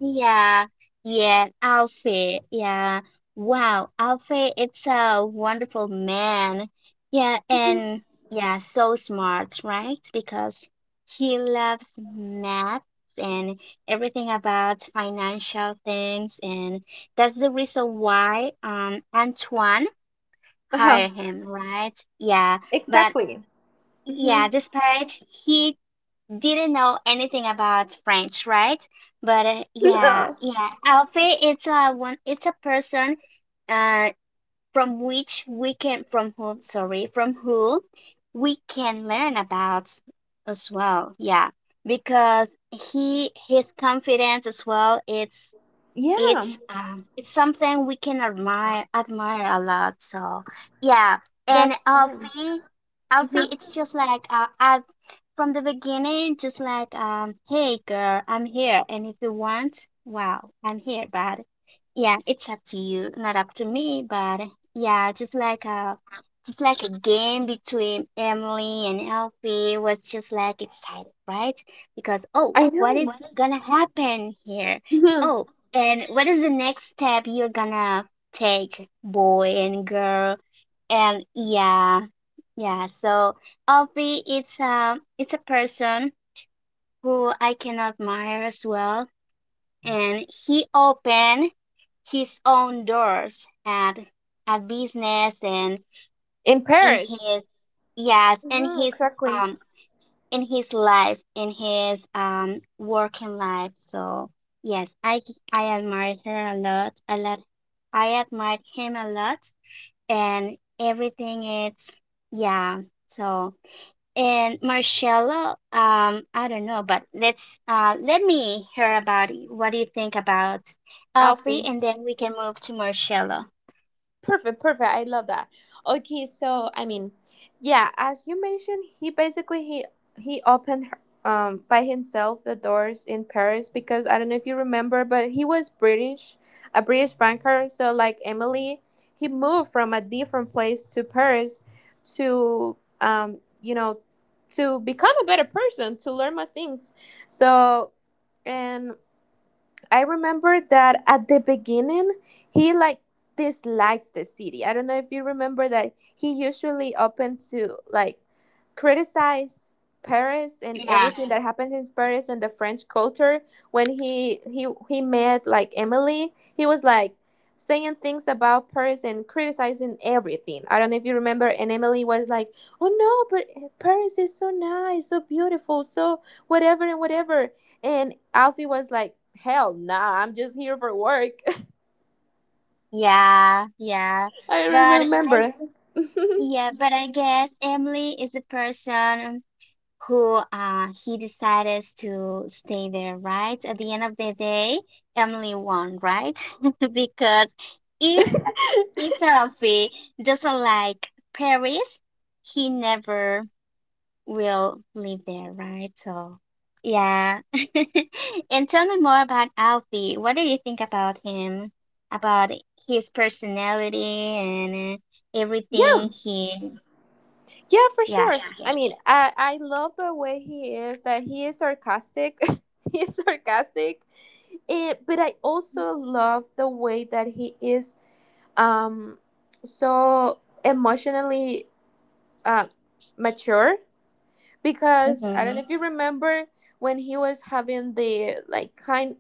S2: Yeah, yeah, Alfie. Yeah. Wow, Alfie, it's a wonderful man. Yeah, and yeah, so smart, right? Because he loves math and everything about financial things, and that's the reason why Antoine hire him, right? Yeah, but
S1: Exactly.
S2: yeah,
S1: Mhm.
S2: despite he didn't know anything about French, right? But yeah,
S1: No.
S2: yeah, Alfie, it's a one, it's a person, uh, from which we can, from whom, sorry, from who we can learn about as well. Yeah, because he, his confidence as well, it's
S1: Yeah,
S2: it's something we can admire, admire a lot. So yeah,
S1: that's
S2: and
S1: fine.
S2: Alfie,
S1: Mhm.
S2: it's just like at, from the beginning just like hey girl, I'm here, and if you want wow, I'm here, but yeah, it's up to you, not up to me, but yeah, just like a, just like a game between Emily and Alfie was just like excited, right? Because oh,
S1: I
S2: what
S1: know.
S2: is gonna happen here?
S1: Mhm.
S2: Oh, and what is the next step you're gonna take, boy and girl? And yeah, yeah. So Alfie, it's a, it's a person who I can admire as well, and he opened his own doors at business and
S1: In
S2: in
S1: Paris.
S2: his, yes,
S1: Hmm. Exactly.
S2: in his life, in his working life. So yes, I admire her a lot, a lot, I admired him a lot, and everything, it's yeah. So and Marcelo, I don't know, but let's let me hear about it. What do you think about Alfie,
S1: Alfie.
S2: and then we can move to Marcelo.
S1: Perfect, perfect. I love that. Okay, so I mean, yeah, as you mentioned, he basically he opened by himself the doors in Paris because I don't know if you remember, but he was British, a British banker. So like Emily, he moved from a different place to Paris to to become a better person to learn more things. So, and I remember that at the beginning, he like dislikes the city. I don't know if you remember that he usually open to like criticize Paris and
S2: Yeah.
S1: everything that happened in Paris and the French culture. When he met like Emily, he was like saying things about Paris and criticizing everything. I don't know if you remember and Emily was like, "Oh no, but Paris is so nice, so beautiful, so whatever and whatever." And Alfie was like, hell nah, I'm just here for work.
S2: Yeah, yeah.
S1: I
S2: But I
S1: remember.
S2: yeah, but I guess Emily is the person who he decided to stay there, right? At the end of the day, Emily won, right? Because if Alfie doesn't like Paris, he never will live there, right? So yeah. And tell me more about Alfie. What do you think about him? About his personality and everything,
S1: Yeah,
S2: he,
S1: yeah, for
S2: yeah,
S1: sure. Yeah.
S2: he
S1: I mean,
S2: gets.
S1: I love the way he is. That he is sarcastic. He is sarcastic, and but I also love the way that he is um so emotionally uh, mature because I don't
S2: Mm-hmm.
S1: know if you remember when he was having the like kind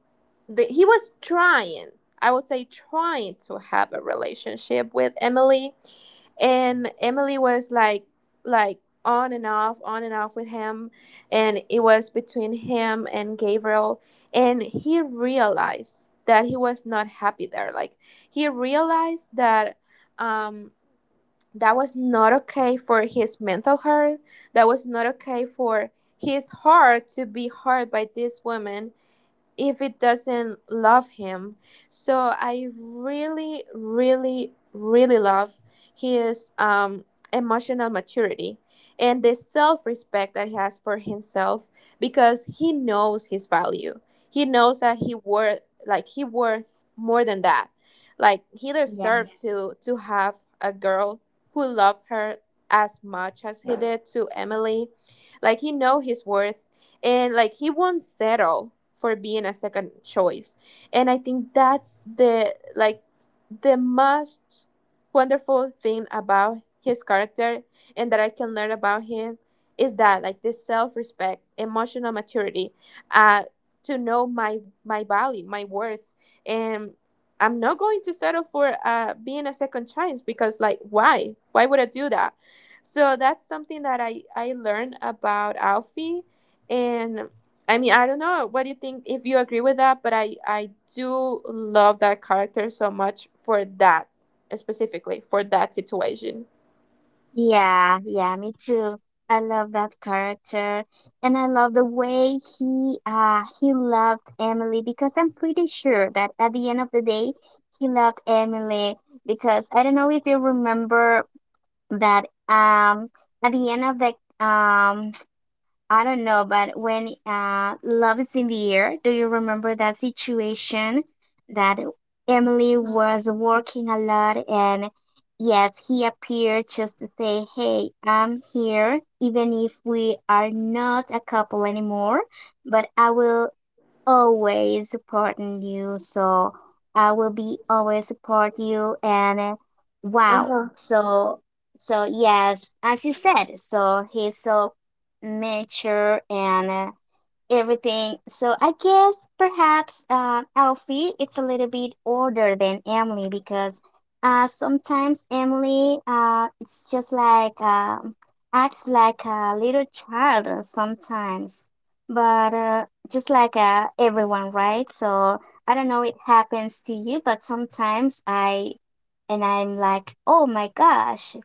S1: the he was trying, I would say, trying to have a relationship with Emily, and Emily was like like on and off, on and off with him, and it was between him and Gabriel, and he realized that he was not happy there, like he realized that um that was not okay for his mental health. That was not okay for his heart to be hurt by this woman if it doesn't love him. So I really, really, really love his emotional maturity and the self respect that he has for himself because he knows his value. He knows that he worth, like he worth more than that. Like he
S2: Yeah.
S1: deserved to have a girl who loved her as much as he did to Emily. Like he know his worth, and like he won't settle for being a second choice, and I think that's the most wonderful thing about his character and that I can learn about him is that like this self-respect, emotional maturity, uh to know my value, my worth, and I'm not going to settle for being a second chance because like why would I do that? So that's something that I learned about Alfie. And I mean, I don't know what do you think, if you agree with that, but I do love that character so much for that, specifically for that situation.
S2: Yeah, yeah, me too. I love that character, and I love the way he loved Emily, because I'm pretty sure that at the end of the day he loved Emily. Because I don't know if you remember that at the end of the I don't know, but when Love is in the Air, do you remember that situation that Emily was working a lot? And yes, he appeared just to say, "Hey, I'm here, even if we are not a couple anymore, but I will always supporting you. So I will be always support you." And
S1: Uh
S2: wow.
S1: huh.
S2: So yes, as you said, so he's so mature and everything. So I guess perhaps Alfie it's a little bit older than Emily, because sometimes Emily it's just like acts like a little child sometimes, but just like everyone, right? So I don't know it happens to you, but sometimes I and I'm like, oh my gosh,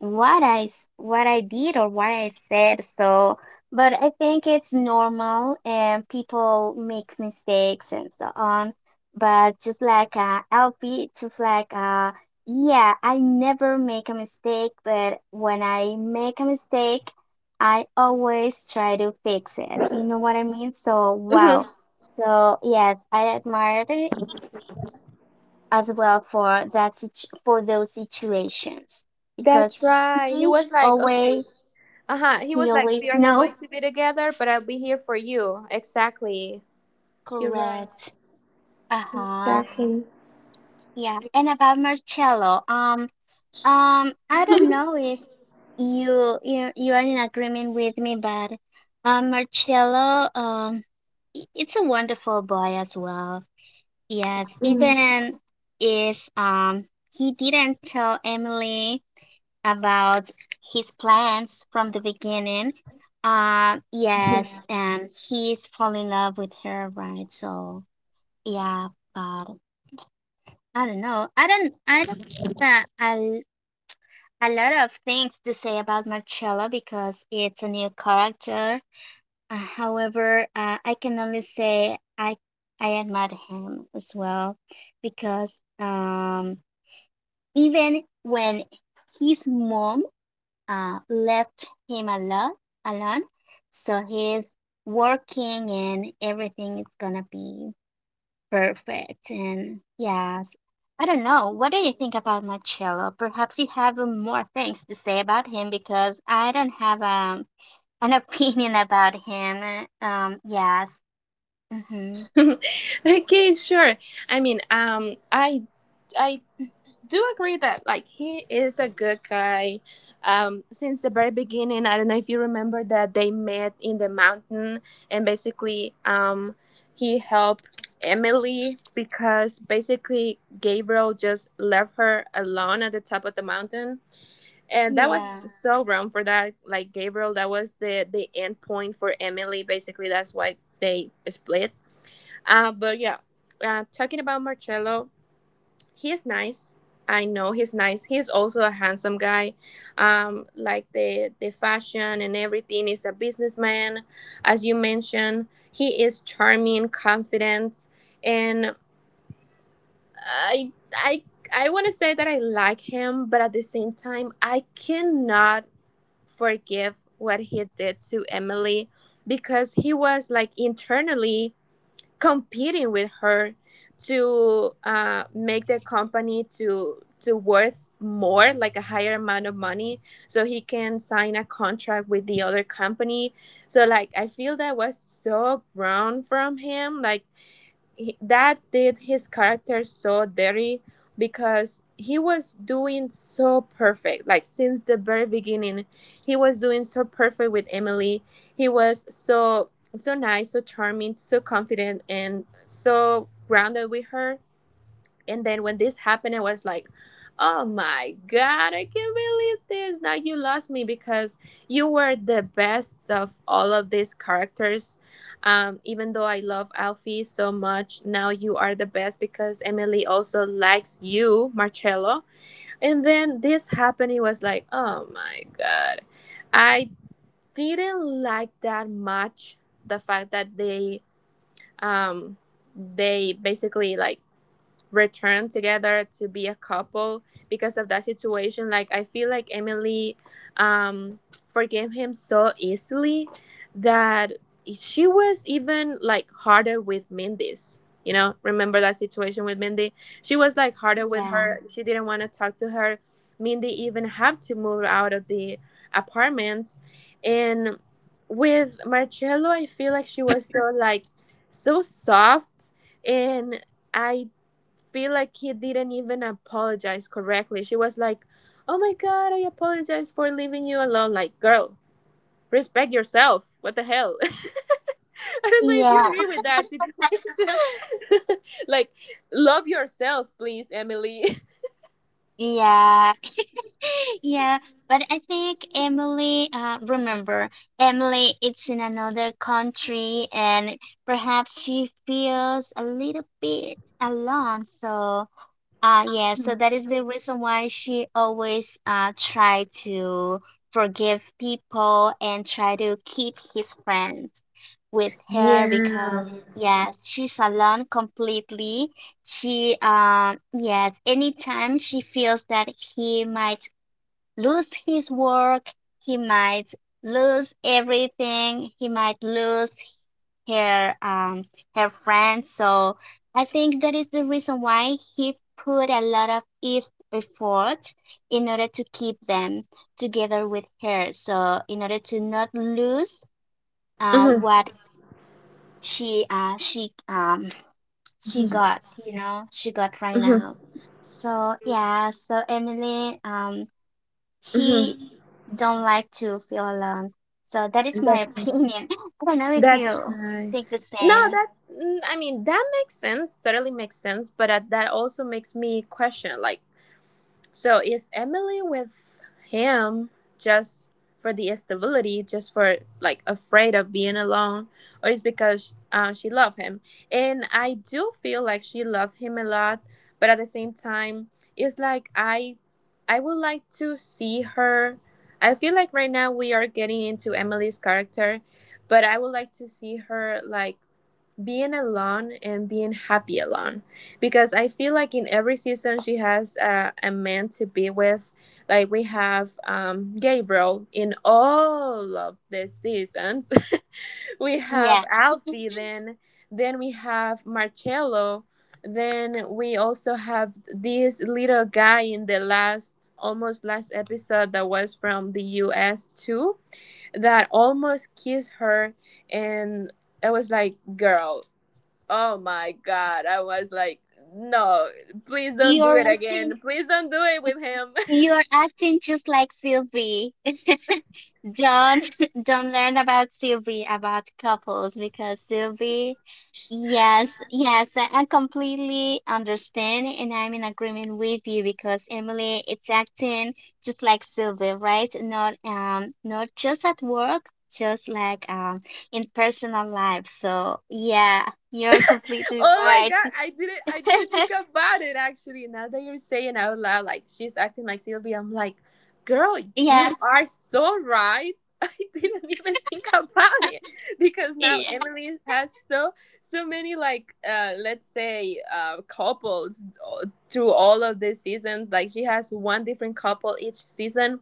S2: what what I did or what I said. So, but I think it's normal and people make mistakes and so on. But just like Alfie, just like yeah, I never make a mistake. But when I make a mistake, I always try to fix it. You know what I mean? So
S1: hmm
S2: wow. So yes, I admire as well for those situations,
S1: That's
S2: because
S1: right. He was like, okay.
S2: always
S1: Uh huh. He
S2: he
S1: was like, we
S2: always
S1: are not going
S2: know
S1: to be together, but I'll be here for you. Exactly. You're right.
S2: correct. Uh-huh.
S1: Exactly.
S2: Yeah. And about Marcello, I don't know if you are in agreement with me, but Marcello, it's a wonderful boy as well. Yes, even if he didn't tell Emily about his plans from the beginning. Yes, and he's fall in love with her, right? So yeah, but I don't know. I don't. I don't have a lot of things to say about Marcello, because it's a new character. However, I can only say I admire him as well, because um, even when his mom left him alone, alone. So he's working and everything is gonna be perfect. And yes, I don't know. What do you think about Marcello? Perhaps you have more things to say about him, because I don't have an opinion about him. Yes. Mm-hmm.
S1: Okay, sure. I mean, I do agree that like he is a good guy. Since the very beginning, I don't know if you remember that they met in the mountain, and basically, he helped Emily because basically Gabriel just left her alone at the top of the mountain. And that was,
S2: Yeah.
S1: yeah, so wrong for that. Like Gabriel, that was the end point for Emily. Basically, that's why they split. But yeah, talking about Marcello, he is nice. I know he's nice. He's also a handsome guy. Like the fashion and everything. He's a businessman, as you mentioned. He is charming, confident, and I I I want to say that I like him, but at the same time, I cannot forgive what he did to Emily because he was like internally competing with her to make the company to worth more, like a higher amount of money, so he can sign a contract with the other company. So like I feel that was so wrong from him. Like that did his character so dirty because he was doing so perfect. Like since the very beginning he was doing so perfect with Emily. He was so so nice, so charming, so confident, and so grounded with her, and then when this happened, I was like, oh my God, I can't believe this. Now you lost me because you were the best of all of these characters. Even though I love Alfie so much, now you are the best because Emily also likes you, Marcello. And then this happened, it was like, oh my God. I didn't like that much the fact that um they basically like return together to be a couple because of that situation. Like I feel like Emily um forgave him so easily that she was even like harder with Mindy's, remember that situation with Mindy? She was like harder with
S2: Yeah.
S1: her. She didn't want to talk to her. Mindy even had to move out of the apartment, and with Marcello I feel like she was so, like so soft, and I feel like he didn't even apologize correctly. She was like, "Oh my god, I apologize for leaving you alone." Like, girl, respect yourself. What the hell? I don't know if
S2: Yeah.
S1: you agree with that situation. Like, love yourself, please, Emily.
S2: Yeah. Yeah, but I think Emily, remember, Emily, it's in another country and perhaps she feels a little bit alone. So yeah, so that is the reason why she always try to forgive people and try to keep his friends with her, because yes, she's alone completely. She yes, anytime she feels that he might lose his work, he might lose everything, he might lose her her friends. So I think that is the reason why he put a lot of if effort in order to keep them together with her. So in order to not lose
S1: Mhm,
S2: what she uh she um she
S1: mhm,
S2: got, she got right
S1: mhm,
S2: now. So yeah, so Emily she
S1: mhm.
S2: don't like to feel alone. So that is my
S1: That's
S2: opinion. I don't know if
S1: that's
S2: you
S1: right.
S2: think the
S1: No,
S2: same.
S1: I mean that makes sense. Totally makes sense. But that also makes me question, like so is Emily with him just for the stability, just for like afraid of being alone, or is because she loved him? And I do feel like she loved him a lot, but at the same time, it's like I would like to see her. I feel like right now we are getting into Emily's character, but I would like to see her like being alone and being happy alone because I feel like in every season she has a man to be with. Like we have Gabriel in all of the seasons. We have
S2: Yeah,
S1: Alfie, then we have Marcello, then we also have this little guy in the last, almost last episode that was from the U.S. too that almost kissed her, and I was like, girl, oh my God. I was like, no, please don't do
S2: you're
S1: it
S2: acting,
S1: again. Please don't do it with him.
S2: just like Sylvie. Don't don't learn about Sylvie about couples, because Sylvie, yes, yes, I completely understand and I'm in agreement with you, because Emily it's acting just like Sylvie, right? Not just at work, just like in personal life. So yeah, you're completely
S1: Oh my
S2: right.
S1: God. I didn't think about it actually. Now that you're saying out loud, like she's acting like Sylvia, I'm like, girl,
S2: Yeah.
S1: you are so right. I didn't even think about it because now
S2: Yeah.
S1: Emily has so so many, like let's say couples through all of the seasons. Like she has one different couple each season,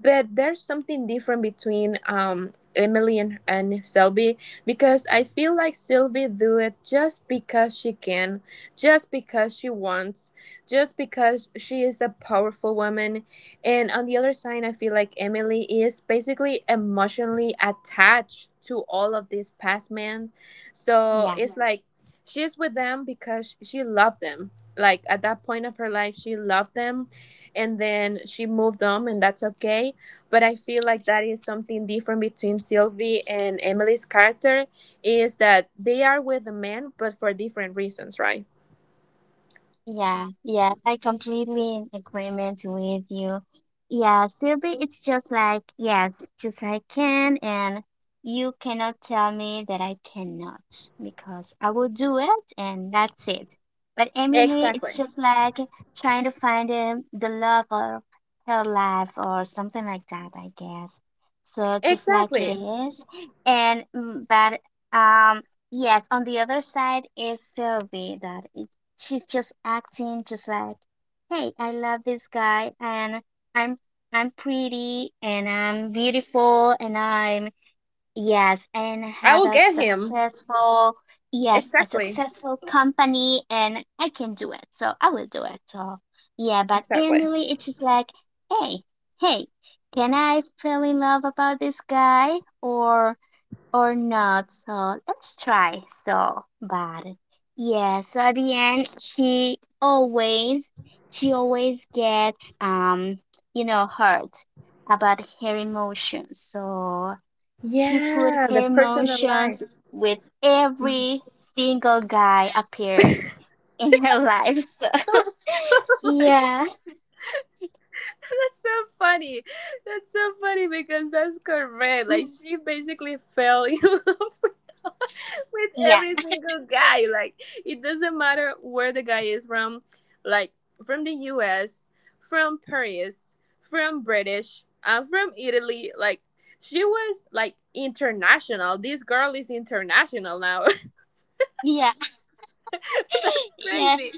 S1: but there's something different between Emily and Sylvie because I feel like Sylvie do it just because she can, just because she wants, just because she is a powerful woman. And on the other side, I feel like Emily is basically emotionally attached to all of these past men. So
S2: Yeah.
S1: it's like she's with them because she loved them. Like at that point of her life, she loved them, and then she moved on, and that's okay. But I feel like that is something different between Sylvie and Emily's character, is that they are with the man but for different reasons, right?
S2: Yeah, yeah, I completely in agreement with you. Yeah, Sylvie, it's just like, yes, just I can, and you cannot tell me that I cannot, because I will do it and that's it. But Emily, it's
S1: Exactly,
S2: just like trying to find the love of her life or something like that, I guess. So just like it
S1: exactly.
S2: is. And but um yes, on the other side is Sylvie that she's just acting just like, hey, I love this guy and I'm I'm pretty and I'm beautiful and I'm, yes, and I
S1: I
S2: have
S1: will
S2: a
S1: get him.
S2: successful, yes, a
S1: Exactly,
S2: successful company and I can do it. So I will do it. So yeah, but
S1: exactly,
S2: Emily it's just like, hey, hey, can I fall in love about this guy or or not. So let's try. So, but yeah, so at the end, she always gets, hurt about her emotions. So she put
S1: yeah, the
S2: her
S1: personal
S2: emotions
S1: life.
S2: with every single guy appears in her life. So
S1: Like,
S2: yeah.
S1: that's so funny, that's so funny because that's correct. Like
S2: Mm.
S1: she basically fell in love with
S2: Yeah,
S1: every single guy. Like it doesn't matter where the guy is from, like from the U.S., from Paris, from British, from Italy. Like she was like international. This girl is international now.
S2: yeah,
S1: That's
S2: yeah,
S1: crazy.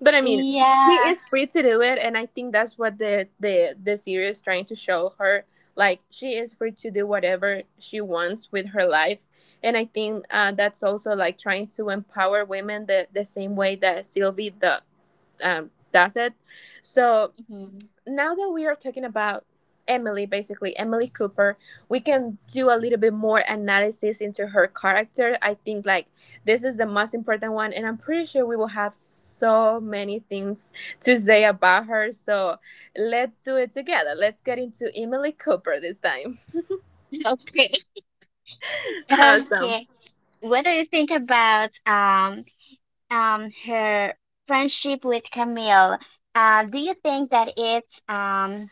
S1: But I mean, she
S2: yeah.
S1: is free to do it, and I think that's what the series trying to show her. Like she is free to do whatever she wants with her life, and I think that's also like trying to empower women the same way that Sylvie the does it. So
S2: Mhm.
S1: now that we are talking about Emily, basically Emily Cooper, we can do a little bit more analysis into her character. I think like this is the most important one, and I'm pretty sure we will have so many things to say about her. So let's do it together. Let's get into Emily Cooper this time.
S2: Okay.
S1: Awesome.
S2: Okay, what do you think about her friendship with Camille? Do you think that it's um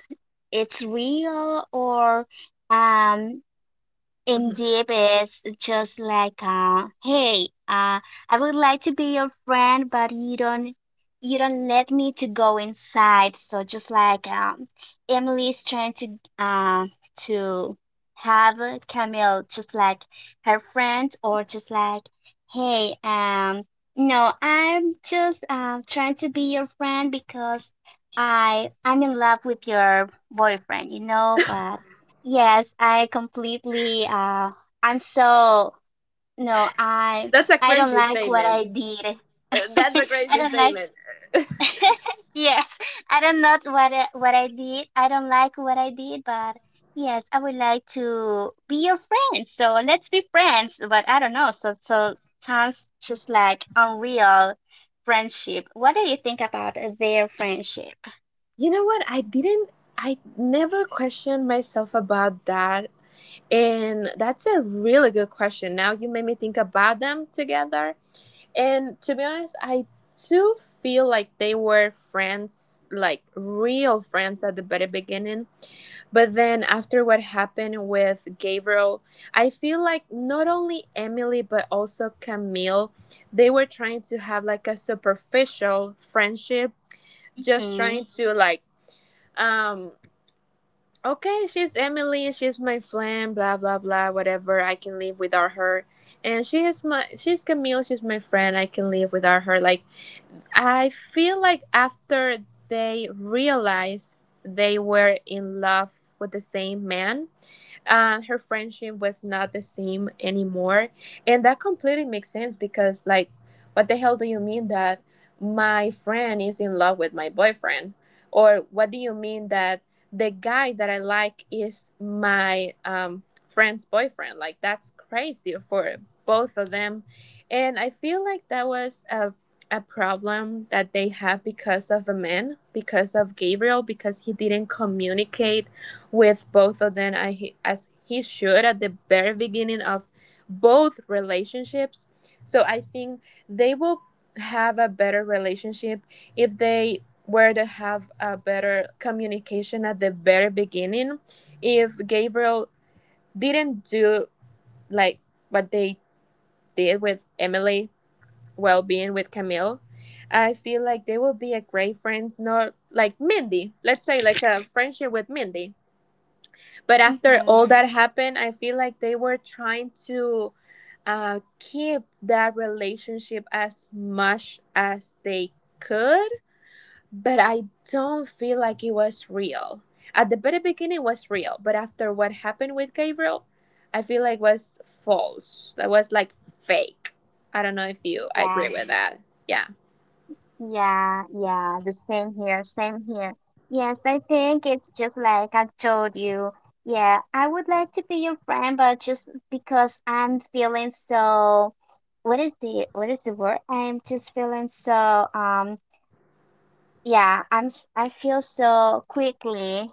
S2: it's real, or um
S1: Mhm.
S2: indeed, it's just like, hey, I would like to be your friend, but you don't let me to go inside. So just like, Emily's trying uh, to have Camille just like her friend, or just like, hey, no, I'm just, trying to be your friend, because I'm in love with your boyfriend, but. Yes, I completely, I'm so, no, I
S1: That's a
S2: I don't
S1: crazy
S2: like what
S1: statement.
S2: I did.
S1: That's a
S2: I
S1: crazy
S2: don't like
S1: statement.
S2: yes, I don't know what I did. I don't like what I did, but yes, I would like to be your friend. So let's be friends. But I don't know. So sounds just like unreal friendship. What do you think about their friendship?
S1: You know what? I didn't. I never questioned myself about that. And that's a really good question. Now you made me think about them together. And to be honest, I do feel like they were friends, like real friends at the very beginning. But then after what happened with Gabriel, I feel like not only Emily, but also Camille, they were trying to have like a superficial friendship, just
S2: Mm-hmm.
S1: trying to like, um, okay, she's Emily, she's my friend, blah blah blah, whatever. I can live without her, and she is she's Camille, she's my friend. I can live without her. Like I feel like after they realized they were in love with the same man, her friendship was not the same anymore, and that completely makes sense, because like what the hell do you mean that my friend is in love with my boyfriend, or what do you mean that the guy that I like is my friend's boyfriend? Like that's crazy for both of them, and I feel like that was a problem that they had because of a man, because of Gabriel, because he didn't communicate with both of them. As he should at the very beginning of both relationships. So I think they will have a better relationship if they were to have a better communication at the very beginning. If Gabriel didn't do like what they did with Emily, well, being with Camille, I feel like they will be a great friend, not like Mindy. Let's say like a friendship with Mindy. But after all
S2: Mm-hmm.
S1: that happened, I feel like they were trying to keep that relationship as much as they could. But I don't feel like it was real. At the very beginning, it was real. But after what happened with Gabriel, I feel like was false. That was like fake. I don't know if you
S2: Yeah.
S1: agree with that. Yeah.
S2: Yeah, yeah, the same here, same here. Yes, I think it's just like I've told you. Yeah, I would like to be your friend, but just because I'm feeling so, what is the word? I'm just feeling so yeah, I feel so quickly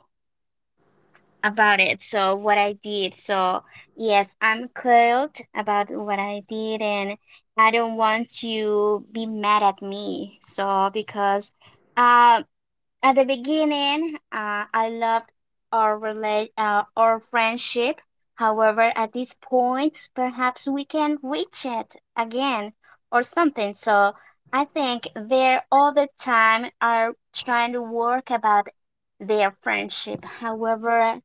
S2: about it. So what I did. So yes, I'm coiled about what I did, and I don't want you be mad at me. So because. Um, at the beginning, I loved our friendship. However, at this point, perhaps we can reach it again or something. So I think they're all the time are trying to work about their friendship. However,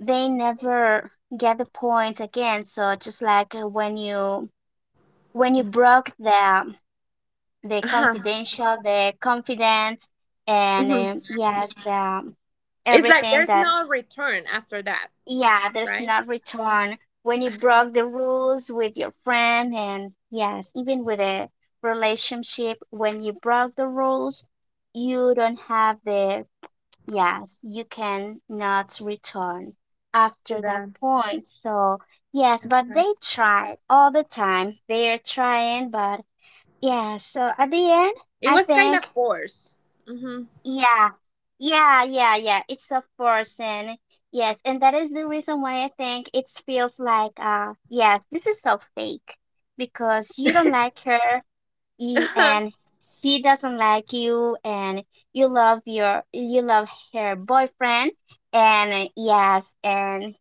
S2: they never get the point again. So just like when you broke the
S1: Uh-huh.
S2: confidential, the confidence, and
S1: Mhm.
S2: yes,
S1: It's like
S2: everything
S1: there's
S2: that,
S1: no return after that,
S2: yeah, there's
S1: right?
S2: not return when you
S1: Uh-huh.
S2: broke the rules with your friend, and yes, even with a relationship, when you broke the rules, you don't have the, yes, you can not return
S1: To
S2: after that point. So, yes, but
S1: that.
S2: they tried all the time. They're trying, but yeah, so at the end,
S1: It
S2: I
S1: was kind of
S2: think.
S1: forced. hmm
S2: Yeah, yeah, yeah, yeah. It's a person. Yes, and that is the reason why I think it feels like, yes, this is so fake, because you don't like her, he, and she doesn't like you, and you love her boyfriend, and yes, and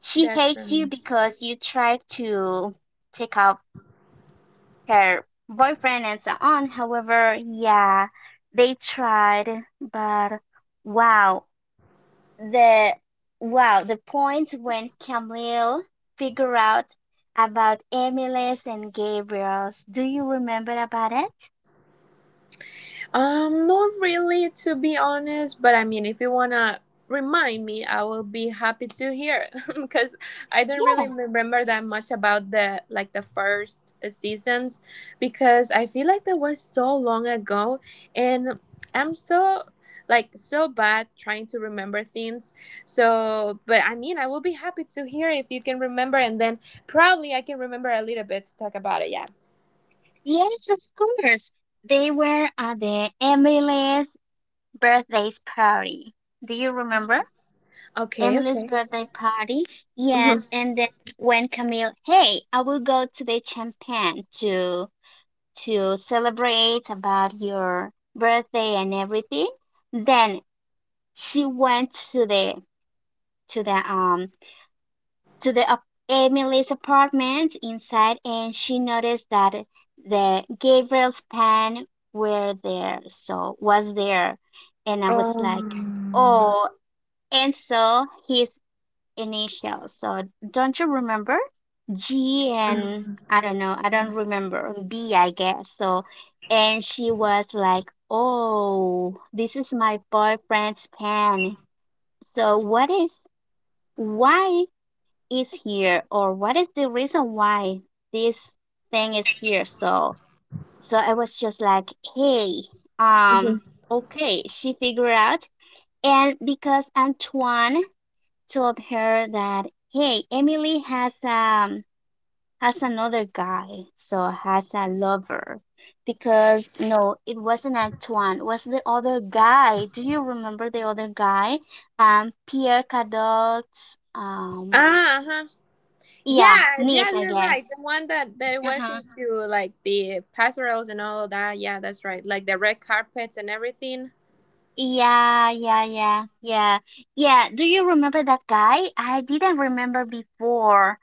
S2: she
S1: That's
S2: hates you,
S1: right.
S2: because you try to take off her boyfriend and so on. However, yeah, they tried, but wow, the wow, the point when Camille figure out about Emily's and Gabriel's. Do you remember about it?
S1: Not really, to be honest, but I mean, if you wanna remind me, I will be happy to hear because I don't
S2: Yeah,
S1: really remember that much about the first seasons, because I feel like that was so long ago and I'm so like so bad trying to remember things. So, but I mean, I will be happy to hear if you can remember, and then probably I can remember a little bit to talk about it, yeah.
S2: yes, of course. They were at the Emily's birthday's party. Do you remember?
S1: Okay,
S2: Emily's
S1: okay.
S2: birthday party. Yes, and then when Camille, hey, I will go to the champagne to celebrate about your birthday and everything. Then she went to the um to the Emily's apartment inside, and she noticed that the Gabriel's pen were there, so was there, and I was like,
S1: Um
S2: oh, and so he's initials. So don't you remember? G, and
S1: Mhm.
S2: I don't know, I don't remember. B, I guess. So, and she was like, oh, this is my boyfriend's pen. So, why is here, or what is the reason why this thing is here? So, I was just like, hey, um, okay, she figured out. And because Antoine told her that, hey, Emily has another guy, so has a lover. Because no, it wasn't Antoine, it was the other guy. Do you remember the other guy? Pierre Cadot's
S1: Ah, uh-huh.
S2: yeah,
S1: Yeah, yeah,
S2: niece, I
S1: you're
S2: guess.
S1: right. The one that was
S2: Uh-huh.
S1: into like the passerelles and all that. Yeah, that's right. Like the red carpets and everything.
S2: Yeah, yeah, yeah, yeah. Yeah. Do you remember that guy? I didn't remember before,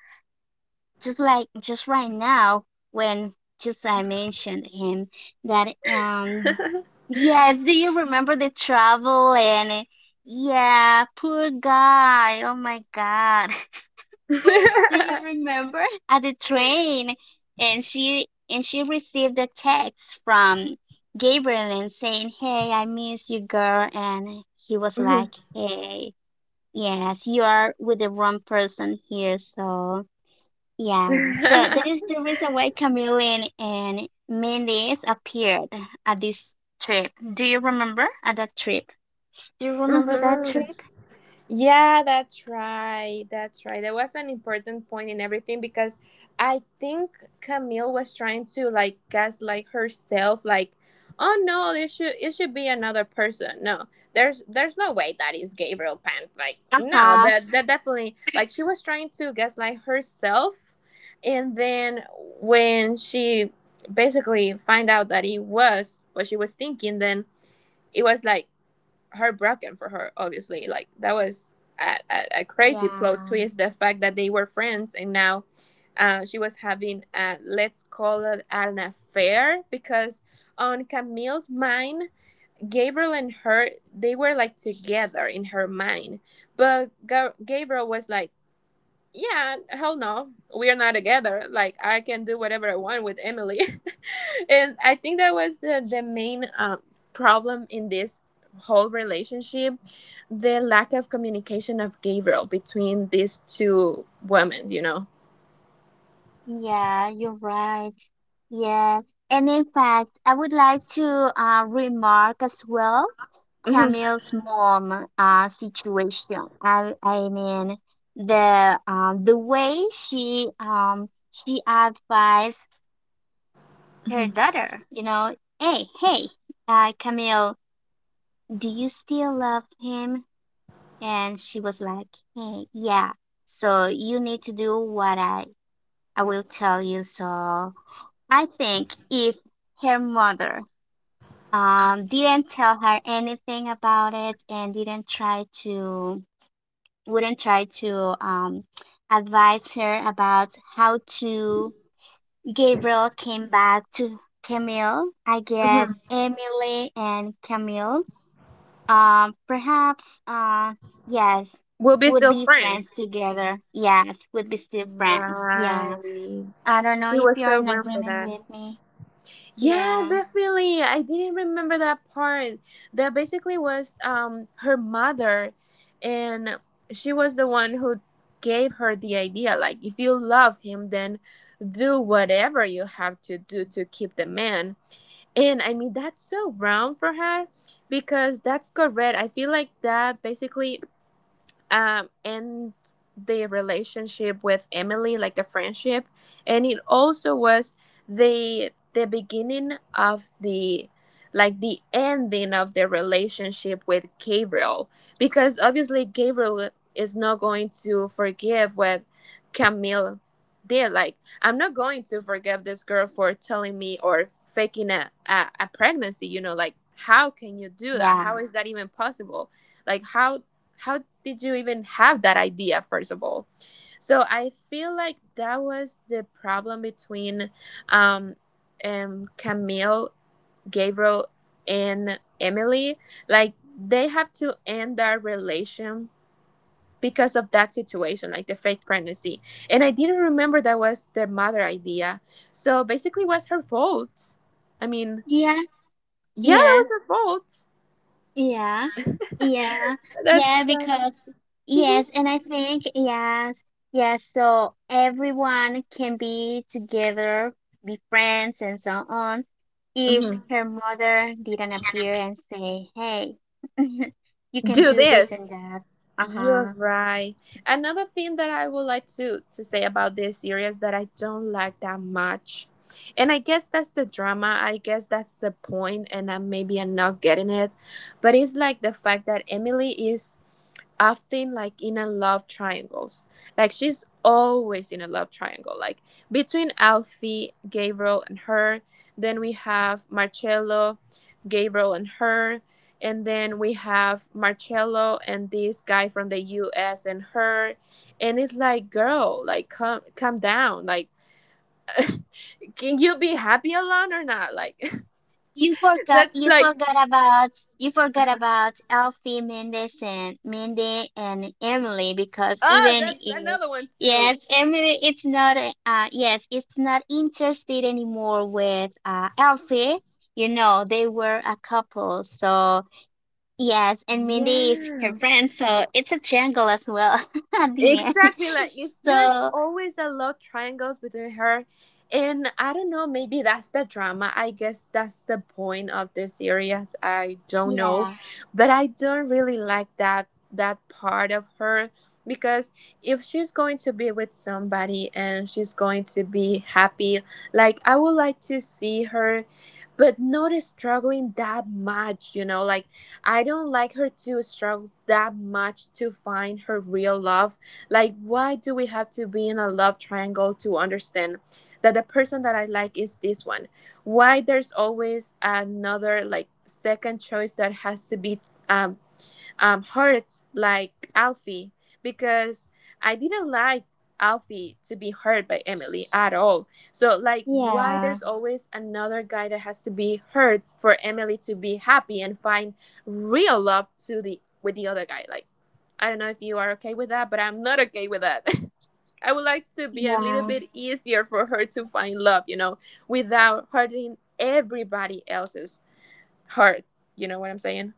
S2: just like just right now when just I mentioned him that yes, do you remember the travel and yeah, poor guy. Oh my God. Do you remember at the train, and she received a text from Gabriel and saying, "Hey, I miss you, girl." And he was like,
S1: Mhm.
S2: "Hey, yes, you are with the wrong person here, so." Yeah, so that is the reason why Chameleon and Mendes appeared at this trip. Do you remember at that trip? Do you remember that
S1: Mhm.
S2: trip?
S1: Yeah, that's right. That's right. That was an important point in everything, because I think Camille was trying to like gaslight herself, like, oh no, it should be another person. No, there's no way that is Gabriel Pan. Like, no,
S2: Uh-huh.
S1: that definitely, like she was trying to gaslight herself, and then when she basically find out that it was what she was thinking, then it was like heartbroken for her obviously. Like that was a crazy plot
S2: Yeah.
S1: twist, the fact that they were friends and now she was having let's call it an affair, because on Camille's mind Gabriel and her, they were like together in her mind, but Gabriel was like yeah hell no, we are not together, like I can do whatever I want with Emily and I think that was the main problem in this whole relationship, the lack of communication of Gabriel between these two women, you know.
S2: Yeah, you're right. Yes. And in fact, I would like to remark as well
S1: Hmm.
S2: Camille's mom situation. I mean the way she she advised her
S1: Hmm.
S2: daughter, you know, hey, Camille, do you still love him? And she was like, hey, yeah. So you need to do what I will tell you. So I think if her mother didn't tell her anything about it and didn't try to wouldn't try to advise her about how to Gabriel came back to Camille. I
S1: Hmm.
S2: guess Emily and Camille, perhaps, yes,
S1: We'll be
S2: would
S1: still
S2: be friends
S1: friends,
S2: together. Yes, would be still friends. Yeah.
S1: right?
S2: I don't know
S1: He
S2: if
S1: was
S2: you're
S1: so
S2: in
S1: wrong for
S2: agreement
S1: that.
S2: with me.
S1: Yeah,
S2: Yeah.
S1: definitely. I didn't remember that part. That basically was her mother, and she was the one who gave her the idea, like if you love him then do whatever you have to do to keep the man. And I mean that's so wrong for her, because that's correct. I feel like that basically and the relationship with Emily, like the friendship, and it also was the beginning of the like the ending of the relationship with Gabriel, because obviously Gabriel is not going to forgive what Camille did. Like I'm not going to forgive this girl for telling me or faking a pregnancy, you know, like how can you do that? How
S2: Yeah.
S1: is that even possible? Like how did you even have that idea first of all? So I feel like that was the problem between um, Camille, Gabriel, and Emily. Like they have to end their relation because of that situation, like the fake pregnancy. And I didn't remember that was their mother idea, so basically it was her fault. I mean,
S2: Yeah.
S1: yeah, that
S2: Yeah.
S1: was her fault,
S2: Yeah, yeah, yeah,
S1: that's right.
S2: because yes, and I think yes, yes, so everyone can be together, be friends, and so on. If
S1: Hmm.
S2: her mother didn't appear and say, hey, you can
S1: Do
S2: do this and
S1: this.
S2: that,
S1: You're
S2: uh-huh.
S1: right. Another thing that I would like to say about this series that I don't like that much. And I guess that's the drama. I guess that's the point, and I maybe I'm not getting it. But it's like the fact that Emily is often like in a love triangles. Like she's always in a love triangle. Like between Alfie, Gabriel, and her. Then we have Marcello, Gabriel, and her. And then we have Marcello and this guy from the US and her. And it's like, girl, like come down. Like, can you be happy alone or not? Like
S2: You forgot
S1: that's
S2: you
S1: like
S2: forgot about you forgot about Alfie Mendes and Mindy and Emily because
S1: oh,
S2: even
S1: that's
S2: if
S1: another one too.
S2: yes, Emily it's not yes, it's not interested anymore with Alfie. You know, they were a couple, so yes, and Mindy is her
S1: Yeah.
S2: friend, so it's a triangle as well at the end.
S1: Exactly, like it's, there's
S2: So
S1: always a love triangles between her, and I don't know. Maybe that's the drama. I guess that's the point of this series. I don't know,
S2: yeah,
S1: but I don't really like that part of her, because if she's going to be with somebody and she's going to be happy, like I would like to see her, but not struggling that much. You know, like I don't like her to struggle that much to find her real love. Like, why do we have to be in a love triangle to understand that the person that I like is this one? Why there's always another, like, second choice that has to be um, hurt, like Alfie, because I didn't like Alfie to be hurt by Emily at all. So, like, why
S2: yeah,
S1: there's always another guy that has to be hurt for Emily to be happy and find real love to the with the other guy? Like, I don't know if you are okay with that, but I'm not okay with that. I would like to be a little
S2: yeah.
S1: bit easier for her to find love, you know, without hurting everybody else's heart. You know what I'm saying?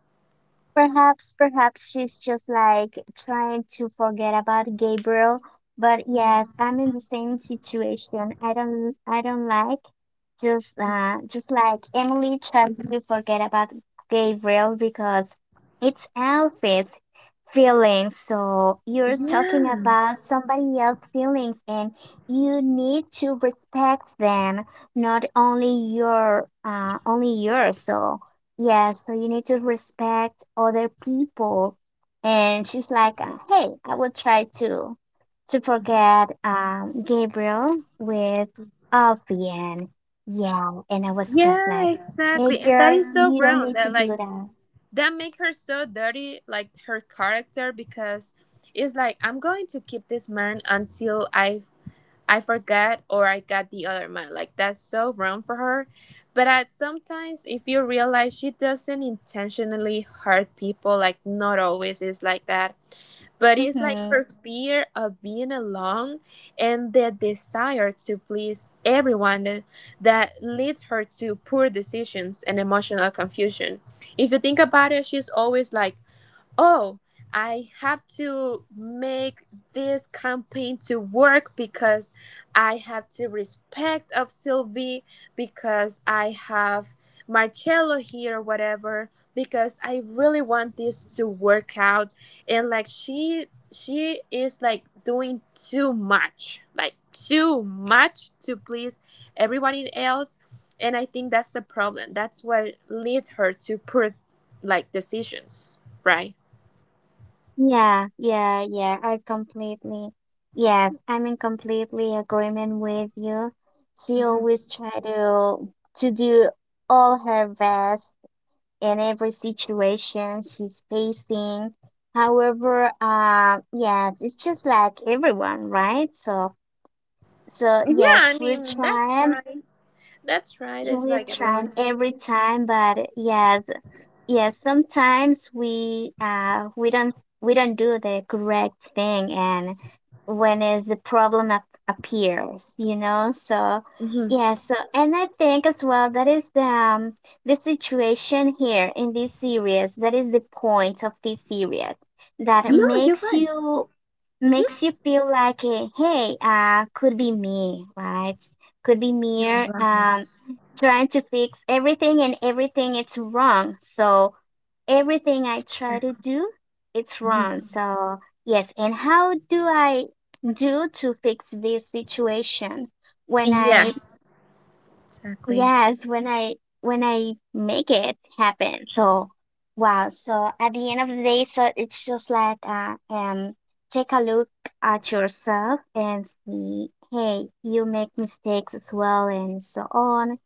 S2: Perhaps, perhaps she's just like trying to forget about Gabriel. But yes, I'm in the same situation. I don't like just like Emily tried to forget about Gabriel because it's Alfie's feelings. So you're talking about somebody else's feelings, and you need to respect them, not only your, only yours. So. Yeah, so you need to respect other people. And she's like, hey, I will try to forget Gabriel with Alfie and yeah, and I was just like,
S1: Yeah,
S2: hey
S1: exactly. And that
S2: girl,
S1: is so
S2: you don't
S1: wrong.
S2: need to
S1: That
S2: do
S1: like
S2: that.
S1: that make her so dirty, like her character, because it's like I'm going to keep this man until I forgot or I got the other man. Like that's so wrong for her. But at sometimes if you realize she doesn't intentionally hurt people, like not always is like that. But it's like
S2: Mm-hmm.
S1: her fear of being alone and the desire to please everyone that leads her to poor decisions and emotional confusion. If you think about it, she's always like oh, I have to make this campaign to work because I have to respect of Sylvie, because I have Marcello here, whatever, because I really want this to work out, and like she is like doing too much, like too much to please everybody else, and I think that's the problem, that's what leads her to poor like decisions, right?
S2: Yeah, yeah, yeah. I completely yes, I'm in completely agreement with you. She
S1: Mhm.
S2: always try to do all her best in every situation she's facing. However, yes, it's just like everyone, right? So,
S1: Yeah,
S2: yes,
S1: I
S2: we're
S1: mean that's
S2: trying,
S1: right. That's right. It's
S2: we're
S1: like
S2: trying
S1: everyone.
S2: every time, but yes, yeah, sometimes we don't do the correct thing and when is the problem ap appears, you know? So
S1: Hmm.
S2: yeah, so and I think as well that is the situation here in this series, that is the point of this series that
S1: No, you're right.
S2: makes
S1: Hmm.
S2: you feel like eh, hey, could be me, right? Could be
S1: You're
S2: me
S1: right.
S2: um trying to fix everything and everything it's wrong. So everything I try to do, it's wrong.
S1: Mhm.
S2: So, yes, and how do I do to fix this situation when I
S1: Yes, exactly.
S2: Yes, when I make it happen. So wow. So at the end of the day, so it's just like take a look at yourself and see, hey, you make mistakes as well and so on.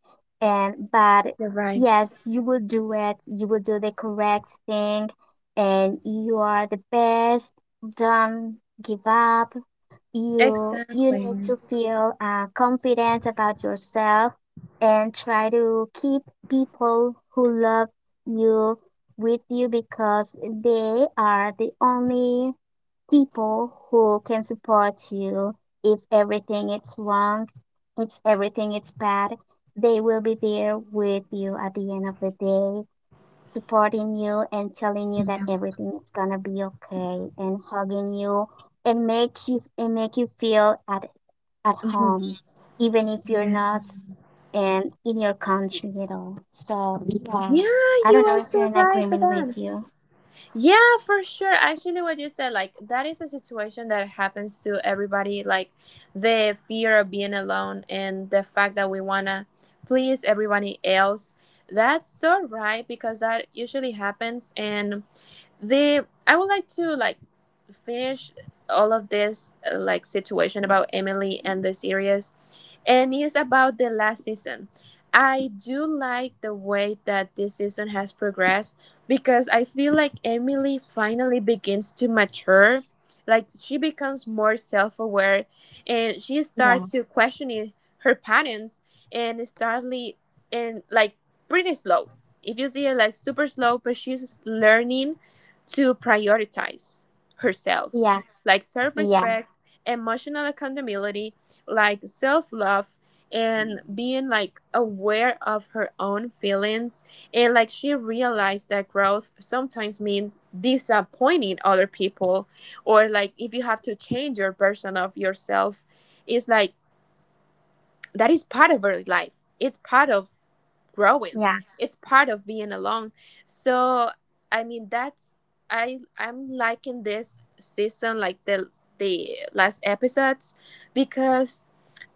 S2: And but
S1: You're right.
S2: yes, you will do it. You will do the correct thing and you are the best. Don't give up you
S1: Exactly.
S2: need to feel confident about yourself and try to keep people who love you with you because they are the only people who can support you if everything is wrong if everything is bad they will be there with you at the end of the day supporting you and telling you that
S1: Yeah.
S2: everything is gonna be okay and hugging you and make you feel at
S1: Hmm.
S2: home even if you're
S1: Yeah.
S2: not and in your country at all so
S1: Yeah,
S2: I don't
S1: you
S2: know
S1: are
S2: if you're
S1: so
S2: in
S1: right for
S2: agreement
S1: that.
S2: with you
S1: Yeah, for sure. Actually, what you said, like, that is a situation that happens to everybody. Like, the fear of being alone and the fact that we want to please everybody else. That's so right because that usually happens. And the, I would like to, like, finish all of this, like, situation about Emily and the series, and it's about the last season. I do like the way that this season has progressed, because I feel like Emily finally begins to mature. Like she becomes more self aware and she
S2: yeah
S1: starts to questioning her patterns and startly and like pretty slow. If you see it like super slow, but she's learning to prioritize herself.
S2: yeah
S1: Like self
S2: yeah
S1: respect, emotional accountability, like self love, and being like aware of her own feelings, and like she realized that growth sometimes means disappointing other people, or like if you have to change your version of yourself, it's like that is part of her life, it's part of growing,
S2: yeah
S1: it's part of being alone. So I mean, that's I I'm liking this season, like the last episodes, because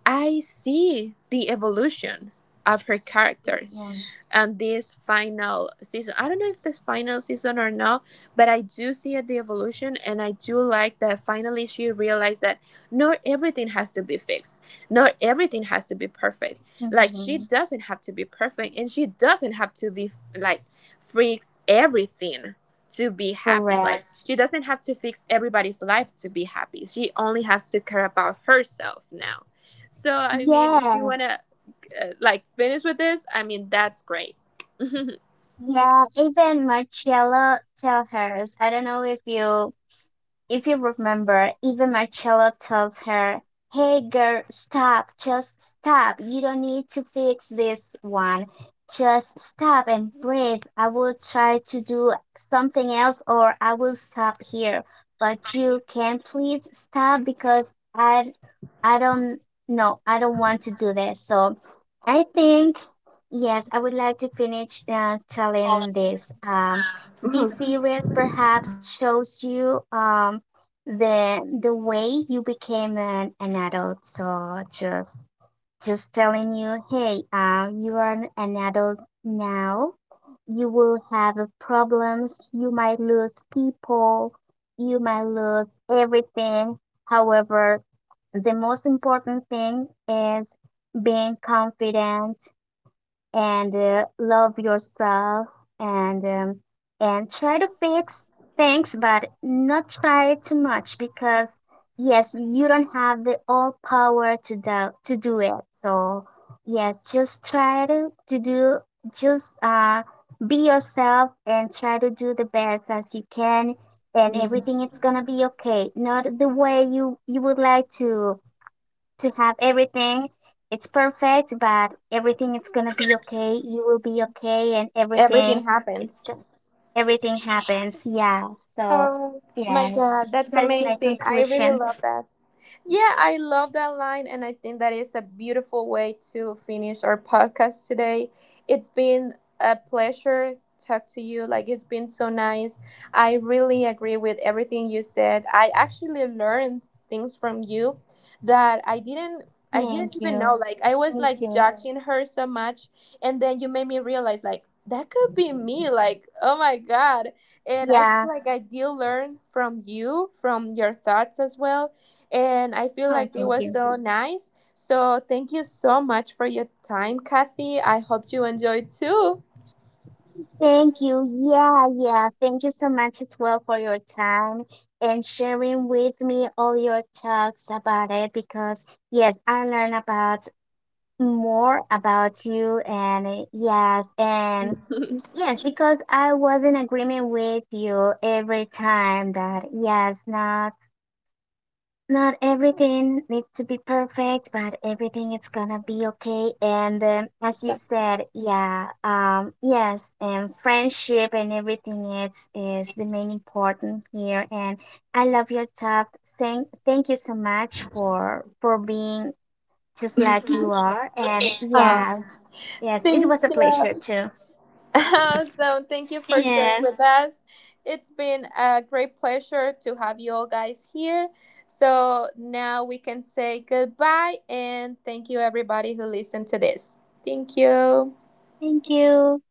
S1: I see the evolution of her character
S2: yeah
S1: and this final season. I don't know if this final season or not, but I do see it the evolution, and I do like that finally she realized that not everything has to be fixed. Not everything has to be perfect. Like she
S2: hmm
S1: doesn't have to be perfect, and she doesn't have to be like fix everything to be happy. Like
S2: correct
S1: she doesn't have to fix everybody's life to be happy. She only has to care about herself now. So I mean, if
S2: yeah
S1: you wanna like finish with this, I mean that's great.
S2: yeah even marcella tell hers I don't know if you If you remember, even Marcello tells her, hey girl, stop, just stop. You don't need to fix this one. Just stop and breathe. I will try to do something else or I will stop here. But you can please stop because I don't know. I don't want to do this. So I think yes, I would like to finish telling this. This
S1: Mhm.
S2: series perhaps shows you the way you became an adult. So just telling you, hey, you are an adult now. You will have problems. You might lose people. You might lose everything. However, the most important thing is being confident and love yourself
S1: And be
S2: and try
S1: yourself.
S2: to fix things but not try too much because yes you don't have the all power to do it so yes just try to do just be yourself and try to do the best as you can and
S1: Yeah.
S2: everything it's gonna be okay not the way you would like to have everything. It's perfect, but everything is gonna be okay. You will be okay, and
S1: Everything
S2: it's
S1: happens.
S2: everything happens. Yeah. So
S1: Oh my
S2: yes,
S1: god, that's
S2: that is my
S1: amazing. I really
S2: conclusion.
S1: love that. Yeah, I love that line, and I think that is a beautiful way to finish our podcast today. It's been a pleasure talk to you. Like it's been so nice. I really agree with everything you said. I actually learned things from you that I didn't
S2: Thank
S1: even
S2: you.
S1: know. Like I was
S2: Me
S1: like
S2: too.
S1: judging her so much, and then you made me realize like that could be me. Like, oh my god. And I feel
S2: Yeah.
S1: like I did learn from you, from your thoughts as well, and I feel
S2: Oh,
S1: like it
S2: thank
S1: was
S2: you.
S1: so nice. So thank you so much for your time, Kathy. I hope you enjoyed too.
S2: Thank you. Yeah, yeah. Thank you so much as well for your time and sharing with me all your talks about it because yes, I learned about more about you and yes and yes because I was in agreement with you every time that yes not not everything needs to be perfect but everything is gonna be okay and as you said yeah yes and friendship and everything is the main important here and I love your talk thank you so much for being just like you are. And
S1: Uh,
S2: yes, yes, it
S1: thank
S2: was a pleasure
S1: you.
S2: too.
S1: Awesome. Thank you for sharing
S2: Yes,
S1: with us. It's been a great pleasure to have you all guys here. So now we can say goodbye and thank you, everybody who listened to this. Thank you.
S2: thank you.